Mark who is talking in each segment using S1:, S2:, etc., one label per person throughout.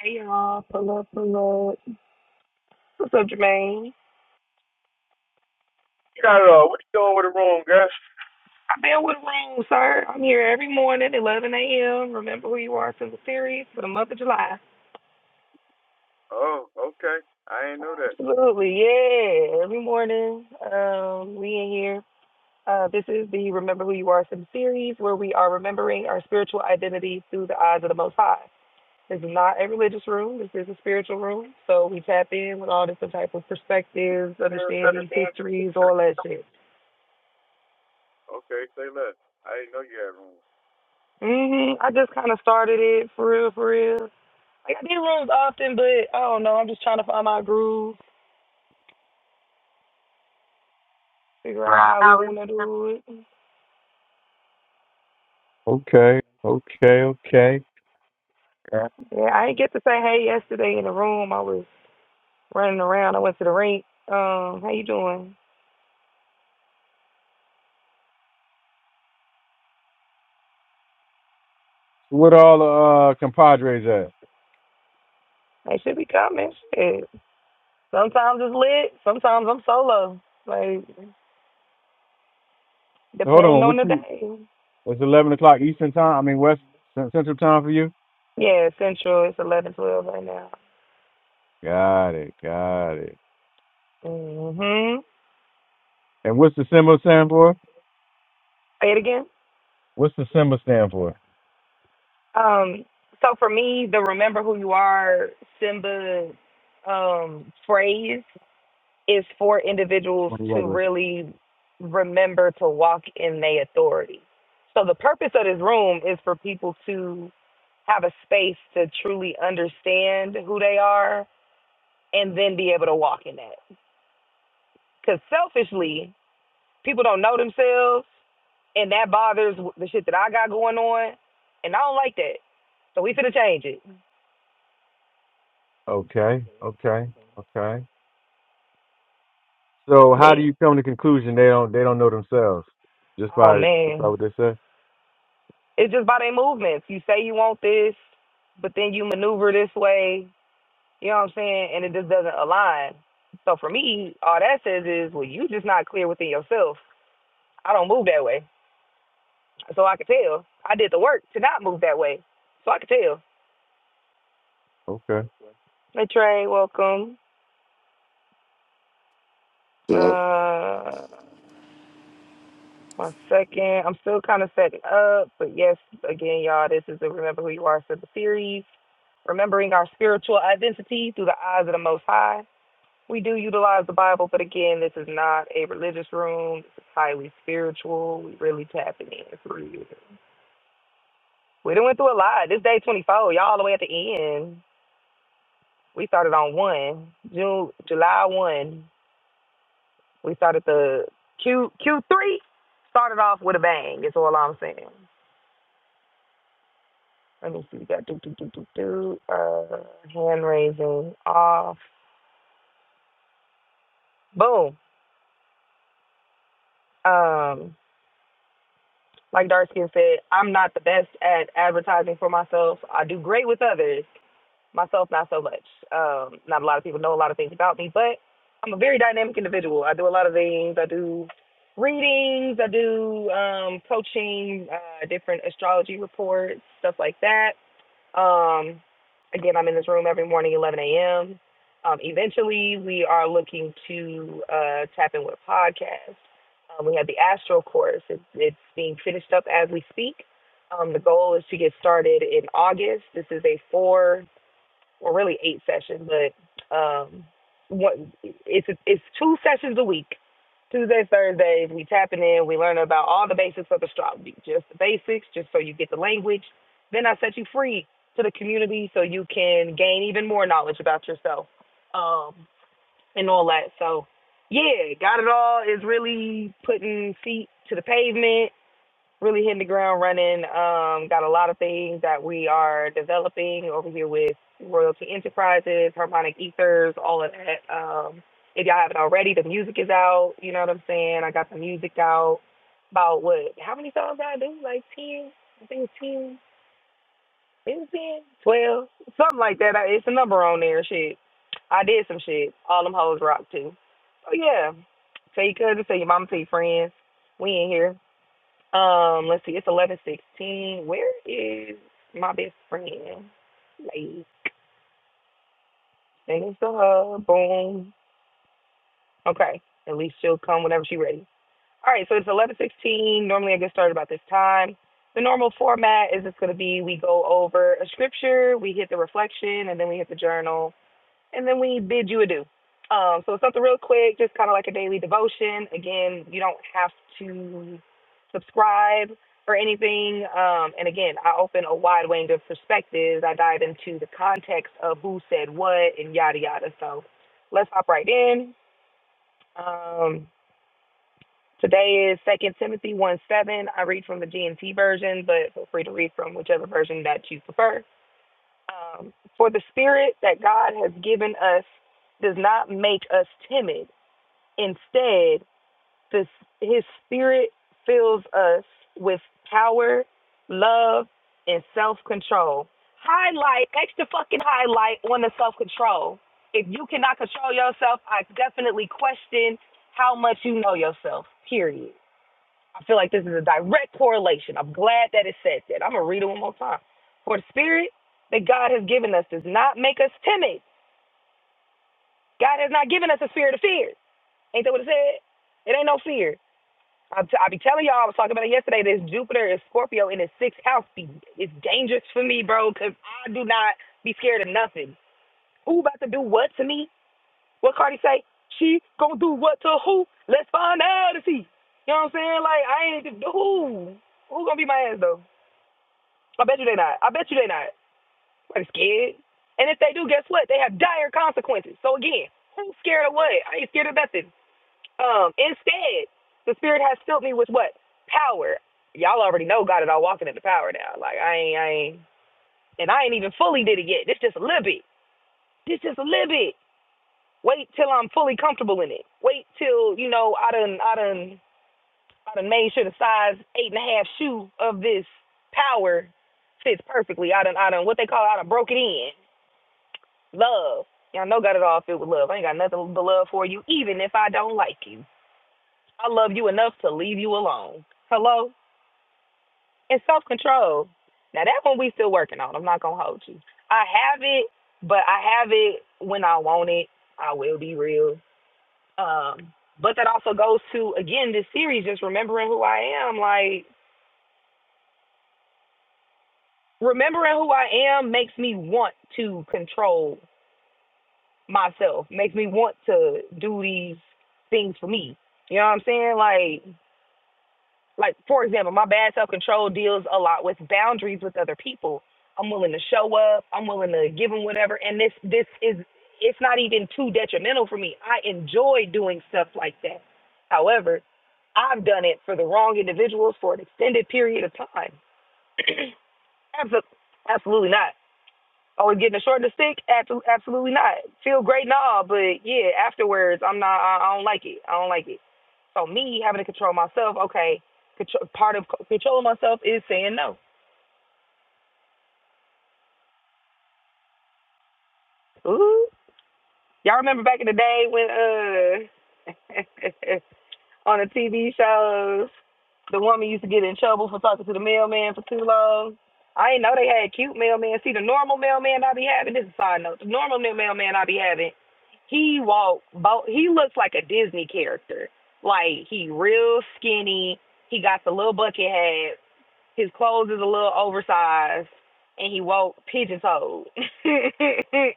S1: Hey y'all, pull up, pull up. What's up, Jermaine?
S2: You Got it all. what you doing with the room, girl?
S1: I've been with room, sir. I'm here every morning, 11 a.m. Remember who you are to the series for the month of July.
S2: Oh, okay. I ain't know that.
S1: Absolutely, yeah. Every morning, um, we in here. Uh, this is the Remember Who You Are Sim series where we are remembering our spiritual identity through the eyes of the Most High. This is not a religious room. This is a spiritual room. So we tap in with all different type of perspectives,
S2: You
S1: understandings,
S2: understand
S1: histories,
S2: history.
S1: all that shit.
S2: Okay, say less. I ain't know you
S1: hmm I just kind of started it for real, for real. Like I did rooms often, but I don't know. I'm just trying to find my groove, figure out how we want to do it.
S2: had room. Okay, okay, okay. Uh,
S1: Yeah, I didn't get to say hey yesterday in the room. I was running around. I went to the rink. Um, how you doing?
S2: What all the uh, compadres at?
S1: They should be coming. Shit. Sometimes it's lit. Sometimes I'm solo. Like
S2: So hold
S1: depending
S2: on,
S1: on
S2: what
S1: the
S2: you?
S1: day.
S2: It's eleven o'clock Eastern time. I mean West Cen- Central time for you.
S1: Yeah, Central. It's eleven twelve right now.
S2: Got it, got it.
S1: Mhm.
S2: And what's the symbol stand for?
S1: Say it again.
S2: What's the symbol stand for?
S1: Um, so for me, the remember who you are Simba um, phrase is for individuals
S2: What do you
S1: to
S2: regular?
S1: really remember to walk in their authority. So the purpose of this room is for people to have a space to truly understand who they are and then be able to walk in that. Because selfishly, people don't know themselves and that bothers the shit that I got going on, and I don't like that. So we finna change it.
S2: Okay, okay, okay. So how do
S1: But
S2: you come to conclusion they don't they don't know themselves? Just
S1: Oh
S2: by just by
S1: man,
S2: what they say?
S1: it's just by their movements. You say you want this, but then you maneuver this way. You know what I'm saying? And it just doesn't align. So for me, all that says is, well, you just not clear within yourself. I don't move that way, so I could tell. I did the work to not move that way, so I could tell.
S2: Okay.
S1: Hey Trey, welcome.
S3: So
S1: Uh, one second. I'm still kind of setting up, but yes, again, y'all, this is the Remember Who You Are Simple series, remembering our spiritual identity through the eyes of the Most High. We do utilize the Bible, but again, this is not a religious room. This is highly spiritual. We really tapping in through real. We done went through a lot. This day 24, y'all all the way at the end. We started on 1, June, July 1. We started the Q, Q3, started off with a bang. That's all I'm saying. Let me see. We got do, do, do, do, do. Uh, hand raising off. Boom. Um, like Darskin said, I'm not the best at advertising for myself. I do great with others. Myself, not so much. Um, not a lot of people know a lot of things about me, but I'm a very dynamic individual. I do a lot of things. I do readings. I do um, coaching, uh, different astrology reports, stuff like that. Um, again, I'm in this room every morning, 11 a.m. Um, eventually, we are looking to uh, tap in with a podcast. Um, we have the Astro course. It's, it's being finished up as we speak. Um, the goal is to get started in August. This is a 4 or really eight sessions, but um, one, it's it's two sessions a week. Tuesdays, Thursdays, we tapping in. We learn about all the basics of astrology, just the basics, just so you get the language. Then I set you free to the community so you can gain even more knowledge about yourself um, and all that. So, yeah, got it all is really putting feet to the pavement really hitting the ground running. Um, got a lot of things that we are developing over here with Royalty Enterprises, Harmonic Ethers, all of that. Um, if y'all haven't already, the music is out. You know what I'm saying? I got the music out about what? How many songs did I do? Like 10? I think 10. It was 10, 12, something like that. I, it's a number on there. Shit. I did some shit. All them hoes rock too. So yeah. Tell your cousin, tell your mama, tell your friends. We in here. Um, let's see, it's eleven sixteen. Where is my best friend? Like, send us to her. Boom. Okay. At least she'll come whenever she's ready. All right, so it's eleven sixteen. Normally I get started about this time. The normal format is it's gonna be we go over a scripture, we hit the reflection, and then we hit the journal. and then we bid you adieu. Um, so it's something real quick, just kind of like a daily devotion. Again, you don't have to subscribe or anything. Um, and again, I open a wide range of perspectives. I dive into the context of who said what and yada yada. So let's hop right in. Um, today is Second Timothy one seven. I read from the GNT version, but feel free to read from whichever version that you prefer. Um, for the spirit that God has given us does not make us timid. Instead, this, his spirit fills us with power, love, and self control. Highlight, extra fucking highlight on the self control. If you cannot control yourself, I definitely question how much you know yourself, period. I feel like this is a direct correlation. I'm glad that it says that. I'm going to read it one more time. For the spirit that God has given us does not make us timid. God has not given us a spirit of fear. Ain't that what it said? It ain't no fear. i t- I be telling y'all, I was talking about it yesterday. This Jupiter is Scorpio in his sixth house. Be- It's dangerous for me, bro, because I do not be scared of nothing. Who about to do what to me? What Cardi say? She gonna do what to who? Let's find out and see. You know what I'm saying? Like, I ain't, who? Who gonna be my ass, though? I bet you they not. I bet you they not. Like scared. And if they do, guess what? They have dire consequences. So again, who's scared of what? I ain't scared of nothing. Um, instead, the spirit has filled me with what? Power. Y'all already know God and all walking into power now. Like I ain't I ain't and I ain't even fully did it yet. This just a little bit. This just a little bit. Wait till I'm fully comfortable in it. Wait till, you know, I done I done I done made sure the size eight and a half shoe of this power fits perfectly. I done I done what they call it, I done broke it in. Love. Y'all know got it all filled with love. I ain't got nothing but love for you, even if I don't like you. I love you enough to leave you alone. Hello? And self control. Now that one we still working on. I'm not gonna hold you. I have it, but I have it when I want it. I will be real. Um, but that also goes to again this series, just remembering who I am. Like remembering who I am makes me want to control myself, makes me want to do these things for me. You know what I'm saying? Like, like for example, my bad self control deals a lot with boundaries with other people. I'm willing to show up. I'm willing to give them whatever. And this, this is, it's not even too detrimental for me. I enjoy doing stuff like that. However, I've done it for the wrong individuals for an extended period of time. Absol- Absolutely not. Oh, and getting a short and the stick? Absolutely, absolutely not. Feel great and all, but yeah, afterwards, I'm not. I, I don't like it. I don't like it. So me having to control myself, okay. Control, part of c- controlling myself is saying no. Ooh, y'all remember back in the day when uh on the TV shows. The woman used to get in trouble for talking to the mailman for too long. I ain't know they had cute mailman. See, the normal mailman I be having, this is a side note, the normal new mailman I be having, he walk, bo- he looks like a Disney character. Like, he real skinny. He got the little bucket hat. His clothes is a little oversized. And he walk pigeon-toed.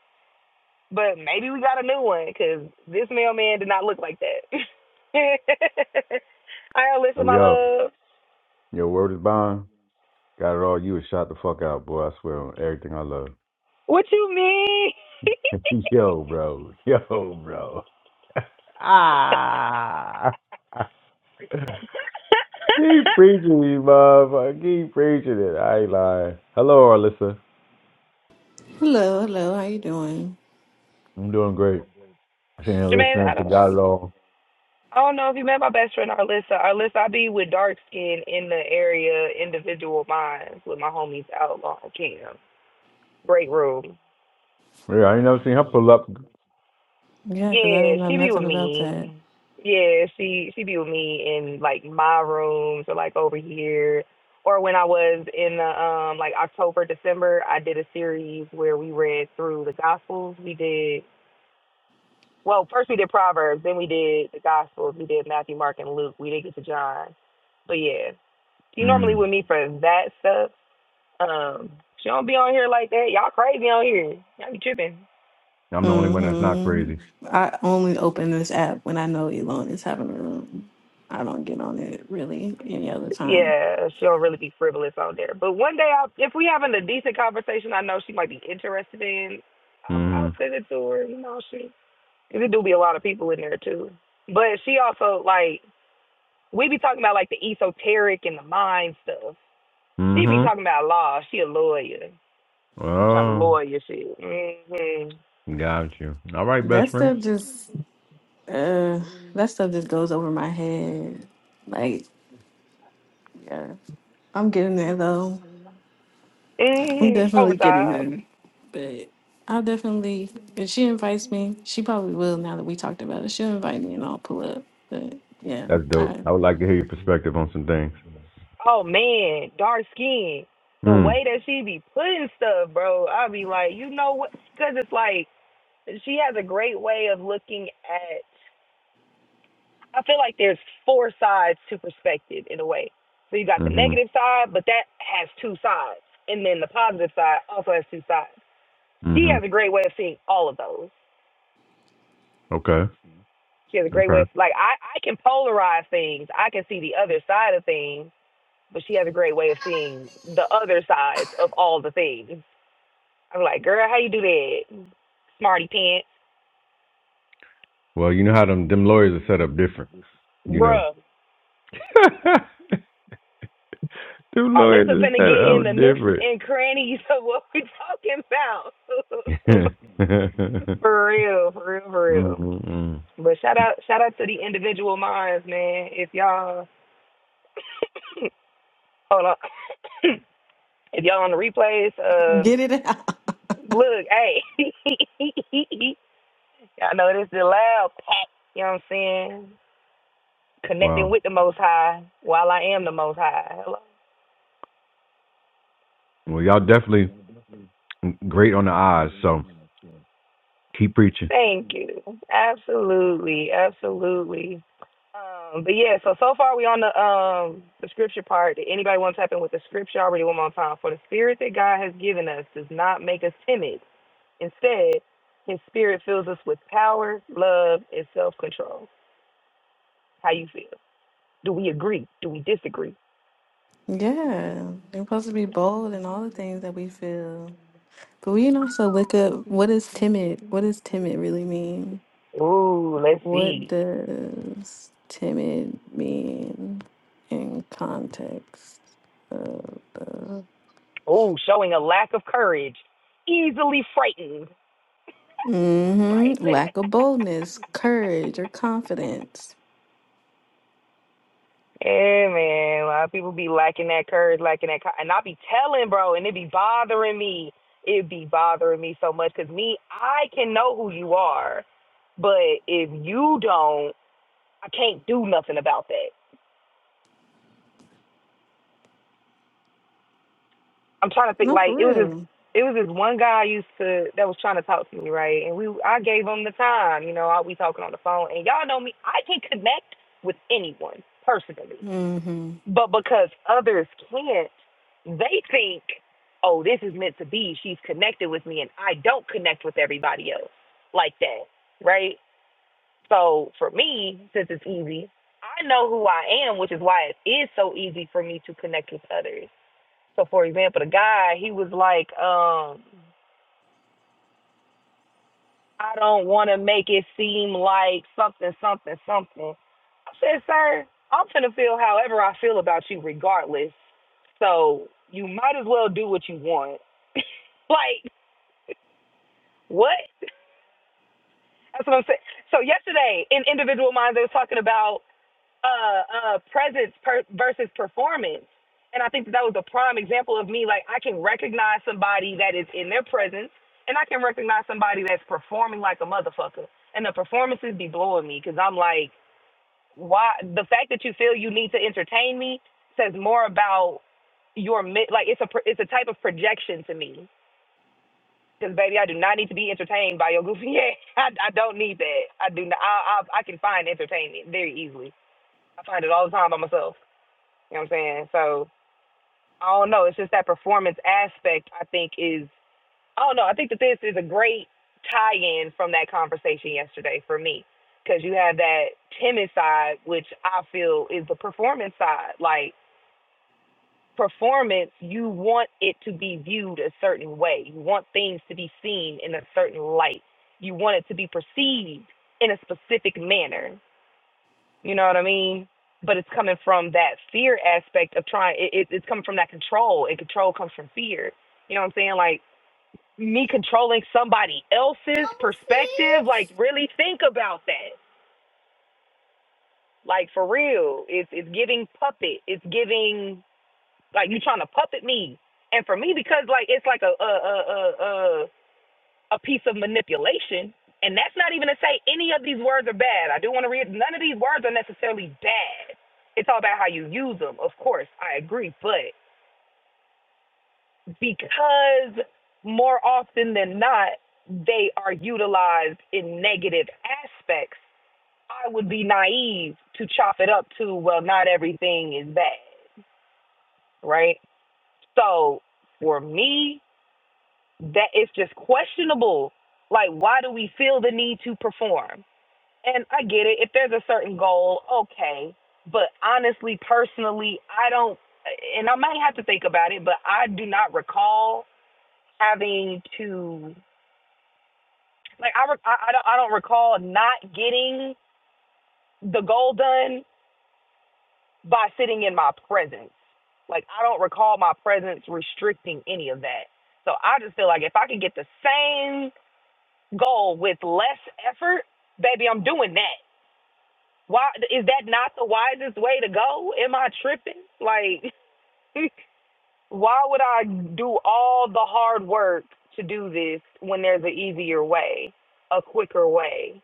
S1: But maybe we got a new one because this mailman did not look like that. I Alyssa,
S2: Hey
S1: my
S2: yo,
S1: love.
S2: your word is bond. Got it all. You was shot the fuck out, boy. I swear on everything I love.
S1: What you mean,
S2: yo, bro. Yo, bro. Ah. Keep preaching me, motherfucker. Keep preaching it. I ain't lying. Hello, Alyssa.
S4: Hello, hello. How you doing?
S2: I'm doing great. She ain't
S1: Jermaine? I
S2: listening to Got It
S1: don't.
S2: All.
S1: I don't know if you met my best friend Arlissa. Arlissa, I be with dark skin in the area, individual minds with my homies out long camp break room.
S2: Yeah, I ain't never seen her pull up.
S4: Yeah, because I
S1: Yeah,
S4: didn't know
S1: she be with
S4: nothing about that.
S1: me. Yeah, she she be with me in like my rooms or like over here. Or when I was in the um like October, December, I did a series where we read through the gospels. We did well, first we did Proverbs, then we did the gospels, we did Matthew, Mark and Luke. We didn't get to John. But yeah. She normally
S2: Mm.
S1: with me for that stuff. Um, she don't be on here like that. Y'all crazy on here. Y'all be tripping.
S2: I'm the only one that's not
S4: hmm
S2: crazy.
S4: I only open this app when I know Elon is having a room. I don't get on it really any other time.
S1: Yeah, she'll really be frivolous on there. But one day, I'll, if we having a decent conversation, I know she might be interested in. I'll,
S2: Mm-hmm.
S1: I'll send it to her. You know, she because it do be a lot of people in there too. But she also like we be talking about like the esoteric and the mind stuff. She be
S2: Mm-hmm.
S1: talking about law. She a lawyer. She trying to
S2: Oh,
S1: lawyer shit. Mm-hmm.
S2: got you. All right,
S4: That
S2: best friend.
S4: stuff just uh that stuff just goes over my head. Like, yeah. I'm getting there though. I'm
S1: Mm-hmm.
S4: definitely getting
S1: Overtime.
S4: there. But I'll definitely if she invites me, she probably will now that we talked about it. She'll invite me and I'll pull up. But yeah,
S2: That's dope.
S4: I
S2: I would like to hear your perspective on some things.
S1: Oh man, dark skin. The
S2: Mm.
S1: way that she be putting stuff, bro. I be like, you know what? Because it's like she has a great way of looking at I feel like there's four sides to perspective in a way. So you got the
S2: Mm-hmm.
S1: negative side, but that has two sides. And then the positive side also has two sides. She has a
S2: Mm-hmm.
S1: great way of seeing all of those.
S2: Okay.
S1: She has a great way of
S2: Okay.
S1: like I, I can polarize things. I can see the other side of things, but she has a great way of seeing the other sides of all the things. I'm like, girl, how you do that? Smarty pants.
S2: Well, you know how them them lawyers are set up different, you know.
S1: Bruh.
S2: them
S1: Alyssa
S2: lawyers are
S1: finna
S2: set
S1: get in the
S2: up
S1: nooks
S2: different.
S1: and crannies of what we talking about.
S2: mm-hmm.
S1: for real, for real, for real.
S2: mm.
S1: But shout out, shout out to the individual minds, man. If y'all, hold on, if y'all on the replays, uh,
S4: get it out.
S1: look, hey, y'all know this is the loud pack. You know what I'm saying? Connecting
S2: Wow.
S1: with the Most High while I am the Most High. Hello.
S2: Well, y'all definitely great on the eyes, so keep preaching.
S1: Thank you. Absolutely, absolutely. Um, but yeah, so so far we on the um the scripture part. Did anybody want to tap in with the scripture? I already one more time. For the spirit that God has given us does not make us timid. Instead, His spirit fills us with power, love, and self control. How you feel? Do we agree? Do we disagree?
S4: Yeah, we're supposed to be bold in all the things that we feel. But we can also look up what is timid? What does timid really mean?
S1: Ooh, let's
S4: What
S1: see.
S4: does timid mean in context of the
S1: Ooh, showing a lack of courage, easily frightened.
S4: hmm
S1: Right?
S4: lack of boldness, courage, or confidence?
S1: Yeah, man. A lot of people be lacking that courage, lacking that, co- and I be telling, bro, and it be bothering me. It be bothering me so much because me, I can know who you are, but if you don't, I can't do nothing about that. I'm trying to think.
S4: No,
S1: Like
S4: for
S1: it was this,
S4: real.
S1: it was this one guy I used to that was trying to talk to me, right? And we, I gave him the time. You know, I we talking on the phone, and y'all know me. I can connect with anyone personally.
S4: Mm hmm
S1: But because others can't, they think, oh, this is meant to be. She's connected with me, and I don't connect with everybody else like that, right? So for me, since it's easy, I know who I am, which is why it is so easy for me to connect with others. So for example, the guy, he was like, um, I don't want to make it seem like something, something, something. I said, sir, I'm gonna feel however I feel about you regardless. So you might as well do what you want. like, what? That's what I'm saying. So yesterday in individual minds they was talking about uh uh presence per- versus performance. And I think that, that was a prime example of me like I can recognize somebody that is in their presence and I can recognize somebody that's performing like a motherfucker. And the performances be blowing me cuz I'm like why the fact that you feel you need to entertain me says more about your mi- like it's a it's a type of projection to me because baby, I do not need to be entertained by your goofy ass. I, I don't need that. I do not. I, I I can find entertainment very easily. I find it all the time by myself. You know what I'm saying? So I don't know. It's just that performance aspect. I think is. Oh no, I think that this is a great tie-in from that conversation yesterday for me, because you have that timid side, which I feel is the performance side. Like performance, you want it to be viewed a certain way. You want things to be seen in a certain light. You want it to be perceived in a specific manner. You know what I mean? But it's coming from that fear aspect of trying. It, it, it's coming from that control, and control comes from fear. You know what I'm saying? Like me controlling somebody else's perspective. Like, really think about that. Like, for real, it's it's giving puppet. It's giving like you trying to puppet me. And for me, because like it's like a a a a a, a piece of manipulation. And that's not even to say any of these words are bad. I do want to read none of these words are necessarily bad. It's all about how you use them, of course. I agree, but because more often than not, they are utilized in negative aspects. I would be naive to chop it up to, well, not everything is bad, right? So for me, that it's just questionable. Like, why do we feel the need to perform? And I get it. If there's a certain goal, okay. But honestly, personally, I don't, and I might have to think about it, but I do not recall having to Like I, re- I, I don't, I don't recall not getting the goal done by sitting in my presence. Like I don't recall my presence restricting any of that. So I just feel like if I could get the same goal with less effort, baby, I'm doing that. Why is that not the wisest way to go? Am I tripping? Like why would I do all the hard work to do this when there's an easier way, a quicker way?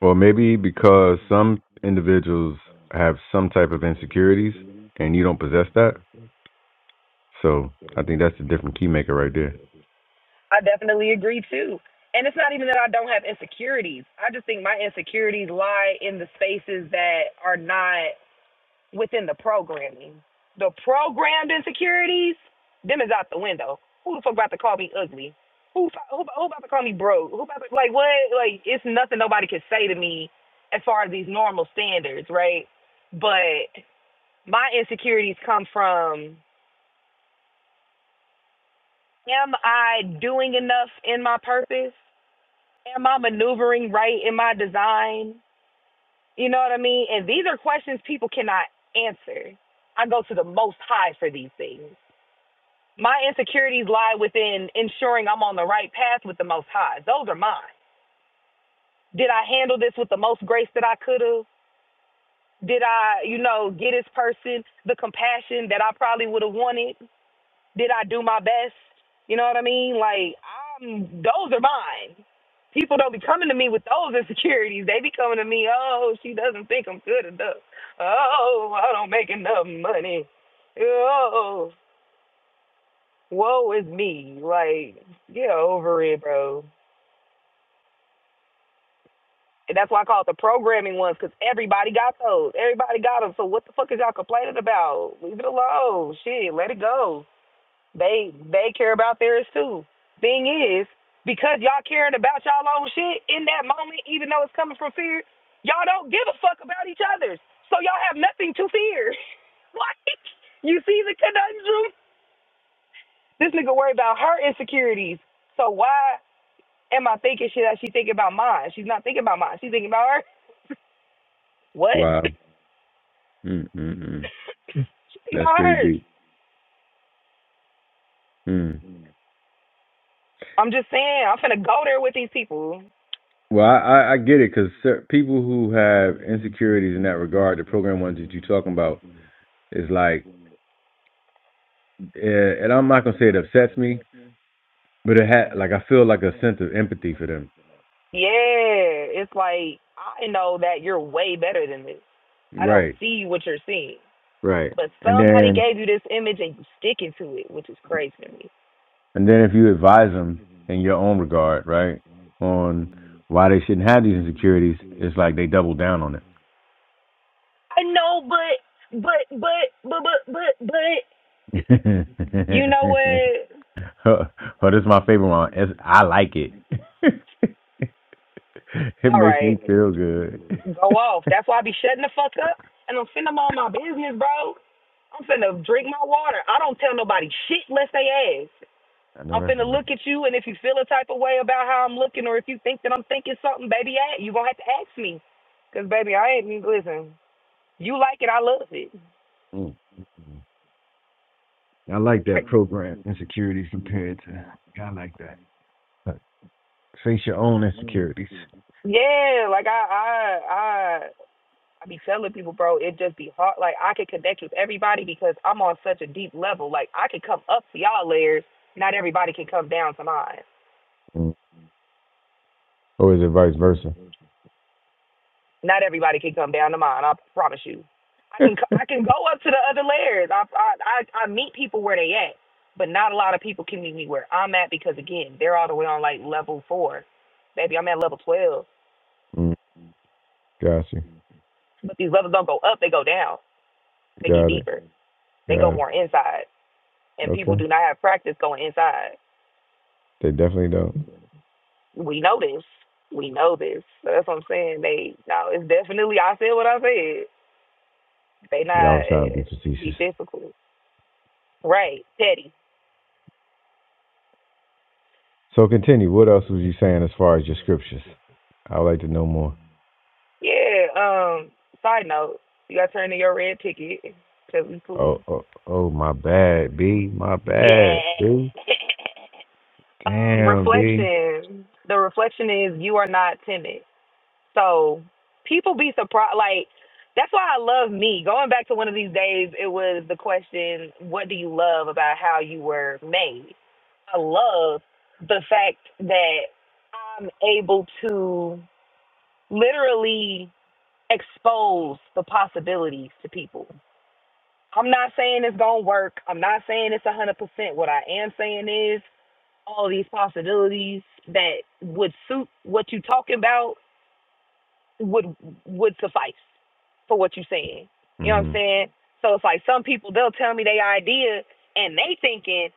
S2: Or maybe because some individuals have some type of insecurities and you don't possess that. So I think that's a different key maker right there.
S1: I definitely agree too. And it's not even that I don't have insecurities. I just think my insecurities lie in the spaces that are not within the programming. The programmed insecurities, them is out the window. Who the fuck about to call me ugly? Who fu- who, who about to call me broke? Who about to, like what? Like it's nothing nobody can say to me as far as these normal standards, right? But my insecurities come from am I doing enough in my purpose? Am I maneuvering right in my design? You know what I mean? And these are questions people cannot answer. I go to the most high for these things. My insecurities lie within ensuring I'm on the right path with the most high. Those are mine. Did I handle this with the most grace that I could have? Did I, you know, get this person the compassion that I probably would have wanted? Did I do my best? You know what I mean? Like, I'm, those are mine. People don't be coming to me with those insecurities. They be coming to me, oh, she doesn't think I'm good enough. Oh, I don't make enough money. Oh, woe is me. Like, get over it, bro. And that's why I call it the programming ones because everybody got those. Everybody got them. So what the fuck is y'all complaining about? Leave it alone. Shit, let it go. They they care about theirs too. Thing is, because y'all caring about y'all own shit in that moment, even though it's coming from fear, y'all don't give a fuck about each other's. So y'all have nothing to fear. like you see the conundrum? This nigga worried about her insecurities. So why am I thinking shit that she thinking about mine? She's not thinking about mine. She's thinking about her. What?
S2: Wow. Mm-mm-mm.
S1: She thinking
S2: That's
S1: about
S2: pretty
S1: hers.
S2: deep. Mm.
S1: I'm just saying, I'm finna go there with these people.
S2: Well, I, I I get it because people who have insecurities in that regard, the program ones that you're talking about, is like, eh, and I'm not gonna say it upsets me, but it had like I feel like a sense of empathy for them,
S1: Yeah. It's like I know that you're way better than this. I don't
S2: right?
S1: see what you're seeing.
S2: Right.
S1: But
S2: And
S1: somebody
S2: then
S1: gave you this image and you sticking to it, which is crazy to me.
S2: and then if you advise them in your own regard, right, on why they shouldn't have these insecurities, it's like they double down on it.
S1: I know, but but but but but but but you know what?
S2: But is my favorite one. It's, I like it. It
S1: All
S2: makes me
S1: right.
S2: feel good.
S1: Go off. That's why I be shutting the fuck up and I'm finna mind my business, bro. I'm finna drink my water. I don't tell nobody shit unless they ask.
S2: I know
S1: I'm
S2: that's
S1: finna
S2: right.
S1: look at you, and if you feel a type of way about how I'm looking, or if you think that I'm thinking something, baby, a- you gonna have to ask me, cause baby, I ain't listen. You like it, I love it.
S2: Mm. Mm. I like
S1: Like,
S2: that program, insecurities compared to. I like that. Like, face your own insecurities.
S1: yeah, like I, I, I, I be telling people, bro, it just be hard. Like I can connect with everybody because I'm on such a deep level. Like I can come up to y'all layers. Not everybody can come down to mine.
S2: Mm. Or is it vice versa?
S1: Not everybody can come down to mine. I promise you. I can, co- I can go up to the other layers. I, I, I, I meet people where they at, but not a lot of people can meet me where I'm at because again, they're all the way on like level four. Baby, I'm at level twelve.
S2: Mm. Got you.
S1: But these levels don't go up, they go down. They get
S2: Got it.
S1: deeper. They go
S2: Got it.
S1: more inside. And people
S2: Okay.
S1: do not have practice going inside.
S2: They definitely don't.
S1: We know this. We know this. So that's what I'm saying. They no, it's definitely I said what I said. They
S2: Y'all
S1: not
S2: was trying to be
S1: uh, be
S2: facetious.
S1: difficult. Right. Petty.
S2: So continue. What else was you saying as far as your scriptures? I'd like to know more.
S1: Yeah, um, side note, you gotta turn in your red ticket because we cool.
S2: Oh, oh, oh, my bad, B. My
S1: Yeah.
S2: bad, B.
S1: um,
S2: Damn, B.
S1: reflection. The reflection is you are not timid. So people be surprised. Like that's why I love me. Going back to one of these days, it was the question, "What do you love about how you were made?" I love the fact that I'm able to literally expose the possibilities to people. I'm not saying it's gonna work. I'm not saying it's a hundred percent. What I am saying is all these possibilities that would suit what you're talking about would would suffice for what you're saying. You know what I'm
S2: hmm
S1: saying? So it's like some people they'll tell me their idea and they thinking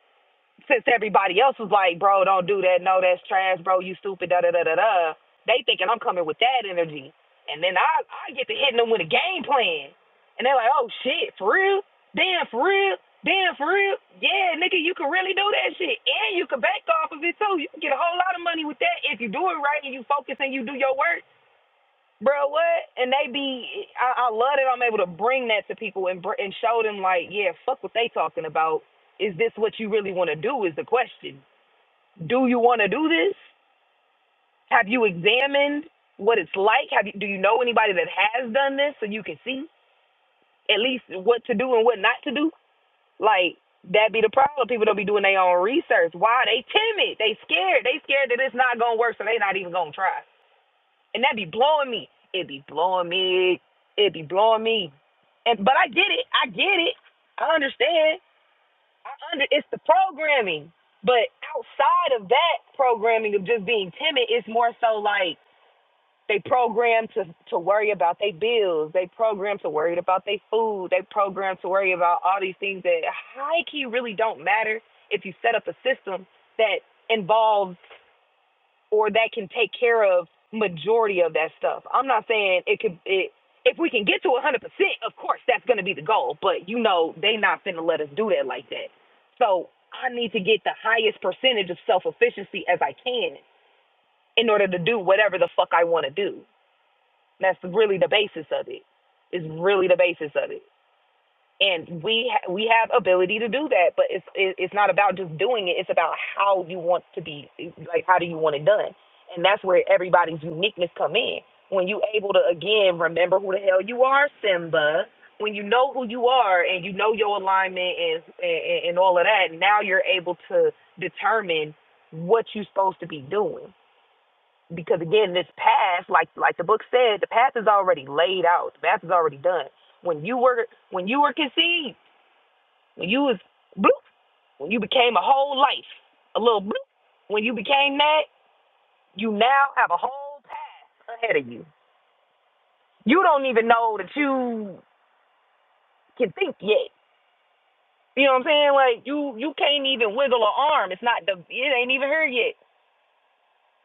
S1: since everybody else was like, bro, don't do that, no, that's trash, bro, you stupid, da da da da da. They thinking I'm coming with that energy, and then I I get to hitting them with a game plan, and they're like, oh shit, for real? Damn, for real? Damn, for real? Yeah, nigga, you can really do that shit, and you can bank off of it too. You can get a whole lot of money with that if you do it right and you focus and you do your work bro, what? And they be, I, I love that I'm able to bring that to people and br- and show them like, yeah, fuck what they talking about. Is this what you really want to do? Is the question. Do you want to do this? Have you examined what it's like? Have you, do you know anybody that has done this so you can see at least what to do and what not to do? Like that be the problem. People don't be doing their own research. Why they timid? They scared. They scared that it's not gonna work, so they not even gonna try. and that be blowing me. It be blowing me. It be blowing me. And but I get it. I get it. I understand. I under. It's the programming. But outside of that programming of just being timid, it's more so like they program to to worry about their bills. They program to worry about their food. They program to worry about all these things that high key really don't matter if you set up a system that involves or that can take care of majority of that stuff. I'm not saying it could it if we can get to 100%, of course that's going to be the goal, but you know they not finna let us do that like that. So I need to get the highest percentage of self-efficiency as I can in order to do whatever the fuck I want to do. That's really the basis of it. Is really the basis of it and we ha- we have ability to do that but it's it- it's not about just doing it it's about how you want to be like how do you want it done and that's where everybody's uniqueness come in when you able to again remember who the hell you are simba when you know who you are and you know your alignment and and, and all of that now you're able to determine what you're supposed to be doing because again this path like like the book said the path is already laid out the path is already done when you were when you were conceived when you was bloop, when you became a whole life, a little bloop, when you became that, you now have a whole path ahead of you. You don't even know that you can think yet. You know what I'm saying? Like you you can't even wiggle an arm. It's not the it ain't even here yet.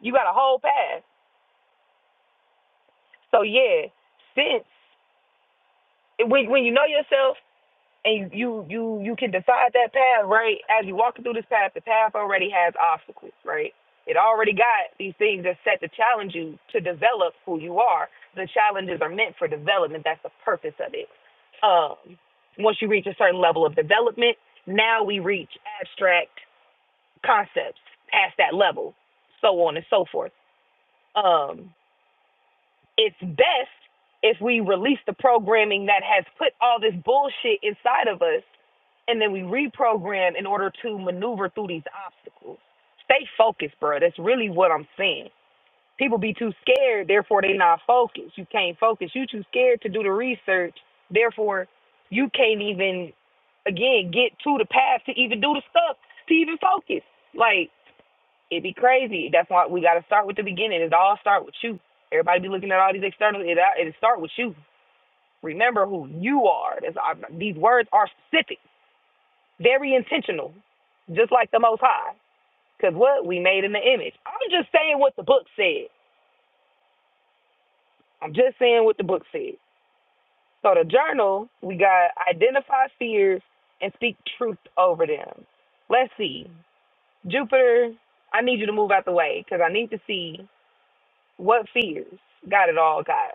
S1: You got a whole path. So yeah, since when when you know yourself and you you you can decide that path right as you walk through this path the path already has obstacles right it already got these things that set to challenge you to develop who you are the challenges are meant for development that's the purpose of it um once you reach a certain level of development now we reach abstract concepts past that level so on and so forth um it's best if we release the programming that has put all this bullshit inside of us and then we reprogram in order to maneuver through these obstacles. Stay focused, bro. That's really what I'm saying. People be too scared, therefore they not focused. You can't focus. You too scared to do the research, therefore you can't even again get to the path to even do the stuff to even focus. Like It'd be crazy. That's why we got to start with the beginning. It all start with you. Everybody be looking at all these external. It uh, it start with you. Remember who you are. That's, I, these words are specific, very intentional, just like the Most High. Cause what we made in the image. I'm just saying what the book said. I'm just saying what the book said. So the journal we got identify fears and speak truth over them. Let's see, Jupiter. I need you to move out the way because I need to see what fears got it all, God.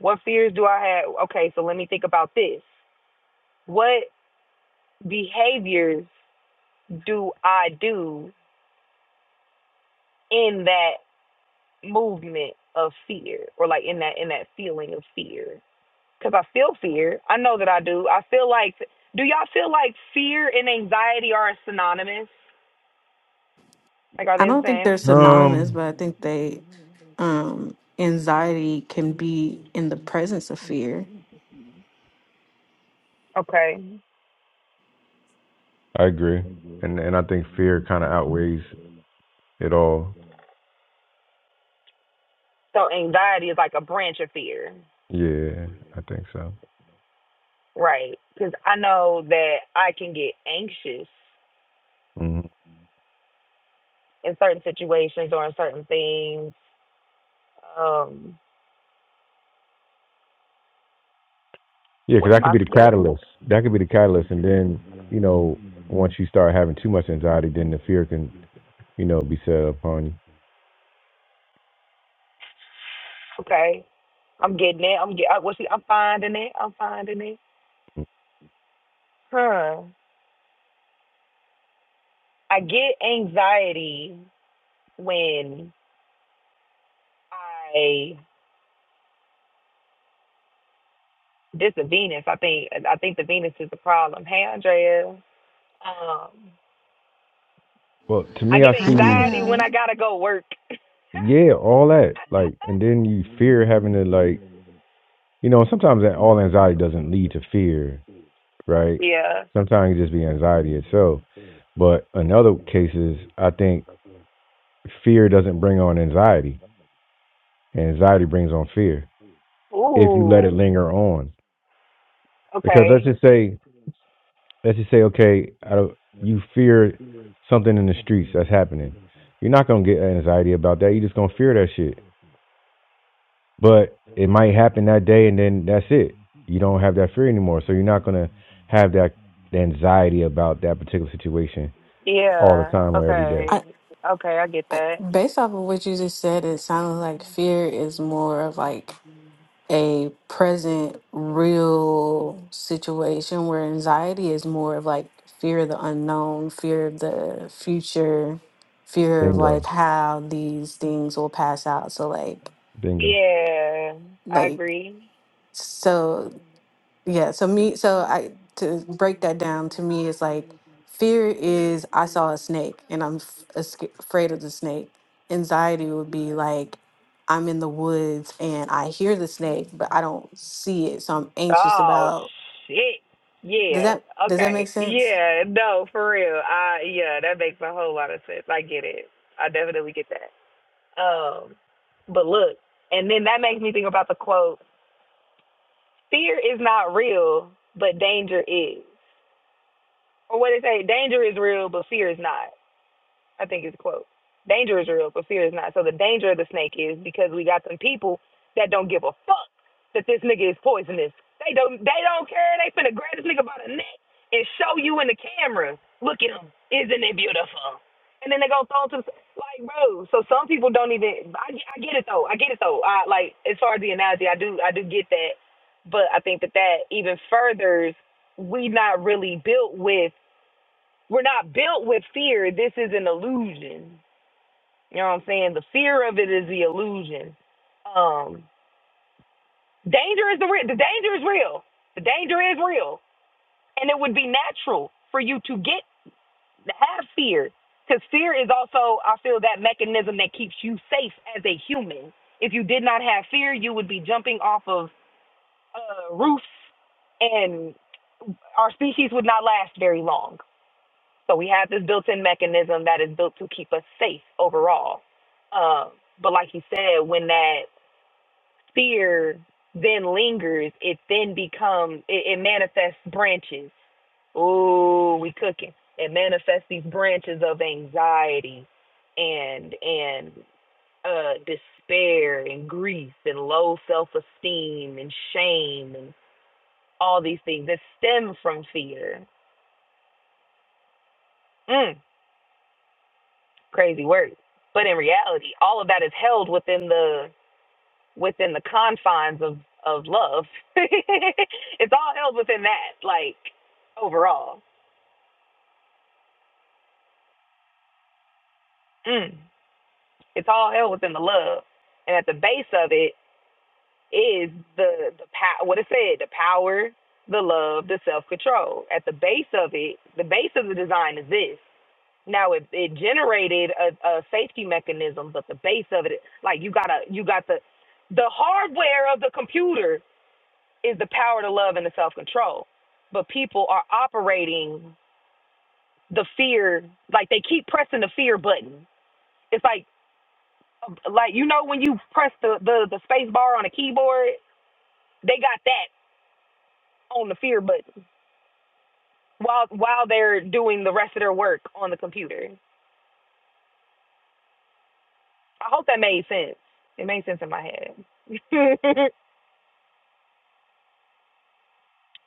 S1: What fears do I have? Okay, so let me think about this. What behaviors do I do in that movement of fear or like in that in that feeling of fear? Cuz I feel fear. I know that I do. I feel like do y'all feel like fear and anxiety are synonymous? Like are
S4: I
S1: they the
S4: don't think they're
S1: same?
S4: synonymous,
S2: Um,
S4: but I think they um anxiety can be in the presence of fear.
S1: Okay.
S2: I agree. and and I think fear kind of outweighs it all.
S1: So anxiety is like a branch of fear.
S2: Yeah. I think so.
S1: Right. Cuz I know that I can get anxious
S2: hmm
S1: in certain situations or in certain things Um,
S2: Yeah, because
S1: with
S2: that could
S1: my
S2: be the
S1: skin.
S2: catalyst. That could be the catalyst, and then you know, once you start having too much anxiety, then the fear can, you know, be set upon you.
S1: Okay, I'm getting it. I'm get. I, well, see, I'm finding it. I'm finding it.
S2: Mm.
S1: Huh. I get anxiety when I this a Venus. I think I think the Venus is the problem. Hey, Andrea. Um,
S2: Well, to
S1: I
S2: me,
S1: get
S2: I
S5: Hi, my
S2: see,
S1: anxiety when
S5: love.
S1: I gotta go work.
S2: yeah, all that, like, and then you fear having to, like, you know, sometimes that all anxiety doesn't lead to fear. right?
S1: yeah.
S2: Sometimes it just be anxiety itself. But in other cases, I think fear doesn't bring on anxiety, and anxiety brings on fear if you let it
S1: Ooh.
S2: linger on. Because let's
S1: Okay.
S2: just say, let's just say, okay, I don't, you fear something in the streets that's happening. You're not gonna get anxiety about that. You're just gonna fear that shit. But it might happen that day, and then that's it. You don't have that fear anymore, so you're not gonna have that anxiety about that particular situation all the
S1: Yeah.
S2: time or every day.
S4: I.
S1: Okay. Okay. I get
S4: I,
S1: that.
S4: based off of what you just said, it sounds like fear is more of like a present, real situation where anxiety is more of like fear of the unknown, fear of the future, fear of like
S2: Bingo,
S4: how these things will pass out. So like
S2: bingo.
S1: Yeah. I
S4: like
S1: agree.
S4: so Yeah, so me, so I to break that down to me is like fear is I saw a snake and I'm f- a sca- afraid of the snake. Anxiety would be like I'm in the woods and I hear the snake, but I don't see it, so I'm anxious
S1: Oh
S4: about.
S1: shit.
S4: Does
S1: Yeah.
S4: that does that make
S1: Okay.
S4: sense?
S1: Yeah. No, for real. I yeah, that makes a whole lot of sense. I get it. I definitely get that. Um but look, and then that makes me think about the quote, fear is not real, but danger is. Or what they say, danger is real, but fear is not. I think is the quote. Danger is real, but fear is not. So the danger of the snake is because we got some people that don't give a fuck that this nigga is poisonous. They don't they don't care. They finna grab this nigga by the neck and show you in the camera. Look at him. Isn't it beautiful? And then they gonna throw him to the like bro. So some people don't even. I, I get it though. I get it though. I like as far as the analogy, I do I do get that. But I think that that even furthers we not really built with we're not built with fear. This is an illusion. You know what I'm saying? The fear of it is the illusion. Um, danger is the re- the danger is real. The danger is real, and it would be natural for you to get to have fear, because fear is also I feel that mechanism that keeps you safe as a human. If you did not have fear, you would be jumping off of uh, roofs, and our species would not last very long So we have this built-in mechanism that is built to keep us safe overall. Um, but like you said, when that fear then lingers, it then becomes it, it manifests branches. Ooh, we cooking. It manifests these branches of anxiety and and uh, despair and grief and low self-esteem and shame and all these things that stem from fear. Mm. crazy work. But in reality, all of that is held within the within the confines of of love. it's all held within that, like overall. Mm. It's all held within the love, and at the base of it is the the power. What it said, the power, the love, the self control. At the base of it, the base of the design is this. Now it, it generated a, a safety mechanism, but the base of it, like you gotta, you got the, the hardware of the computer is the power to love and the self control, but people are operating the fear, like they keep pressing the fear button. It's like, like you know when you press the the, the space bar on a keyboard, they got that on the fear button while while they're doing the rest of their work on the computer. I hope that made sense. It made sense in my head.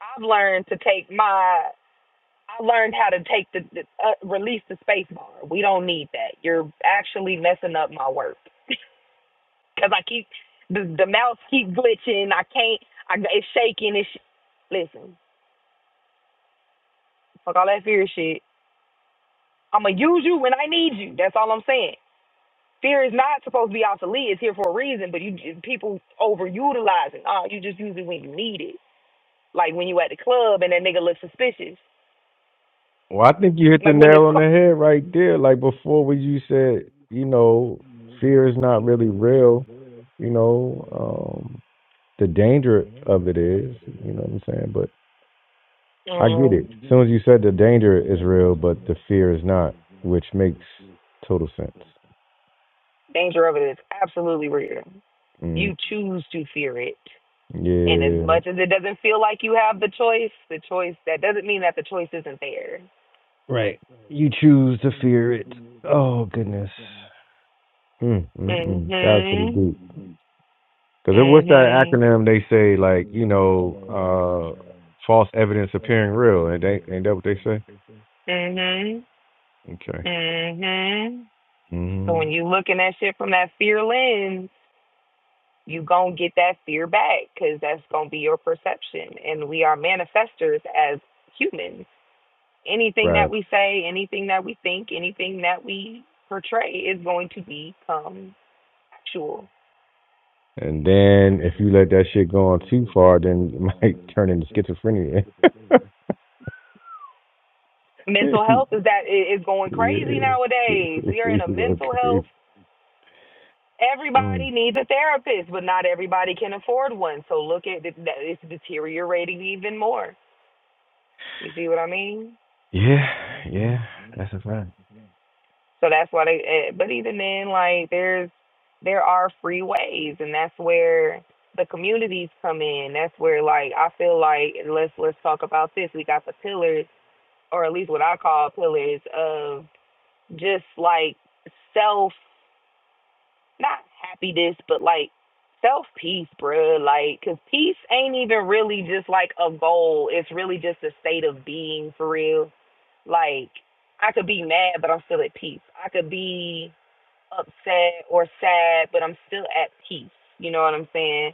S1: I've learned to take my. I learned how to take the, the uh, release the space bar. We don't need that. You're actually messing up my work because I keep the the mouse keep glitching. I can't. I it's shaking. It's listen. Fuck all that fear shit. I'ma use you when I need you. That's all I'm saying. Fear is not supposed to be obsolete. It's here for a reason, but you people overutilize it. Oh, you just use it when you need it. Like when you at the club and that nigga looks suspicious.
S2: Well, I think you hit the
S1: Like when this.
S2: nail on the
S1: Cl-
S2: head right there. Like before, when you said, you know, fear is not really real. You know, um, the danger of it is. You know what I'm saying? But I get it. As
S1: mm.
S2: soon as you said the danger is real, but the fear is not, which makes total sense.
S1: Danger of it is absolutely real.
S2: Mm,
S1: You choose to fear it. And as
S2: yeah.
S1: much as it doesn't feel like you have the choice, the choice that doesn't mean that the choice isn't there.
S2: Right. You choose to fear it. Oh goodness. Mm, mm,
S1: Mhm.
S2: mm. That was pretty
S1: Mhm.
S2: deep. Because what's that acronym they say? Like you know, uh, false evidence appearing real. And ain't, ain't that what they say?
S1: Mhm.
S2: Okay.
S1: Mhm. So
S2: hmm
S1: when you looking at shit from that fear lens, you gonna get that fear back because that's gonna be your perception. And we are manifestors as humans. Anything that
S2: Right.
S1: we say, anything that we think, anything that we portray is going to become actual.
S2: And then if you let that shit go on too far, then you might turn into schizophrenia.
S1: Mental health is that it is going
S2: yeah.
S1: crazy nowadays. We are
S2: You
S1: in a
S2: go
S1: mental
S2: crazy.
S1: health.
S2: Mm.
S1: Everybody needs a therapist, but not everybody can afford one. So look at it, that it's deteriorating even more. You see what I mean?
S2: Yeah. Yeah. That's a fact.
S1: So that's why they. eh, But even then, like there's there are free ways, and that's where the communities come in. That's where like I feel like let's let's talk about this. We got the pillars, or at least what I call pillars of just like self. not happiness, but like self peace, bruh. Like, cause peace ain't even really just like a goal. It's really just a state of being for real. Like, I could be mad, but I'm still at peace. I could be upset or sad, but I'm still at peace. You know what I'm saying?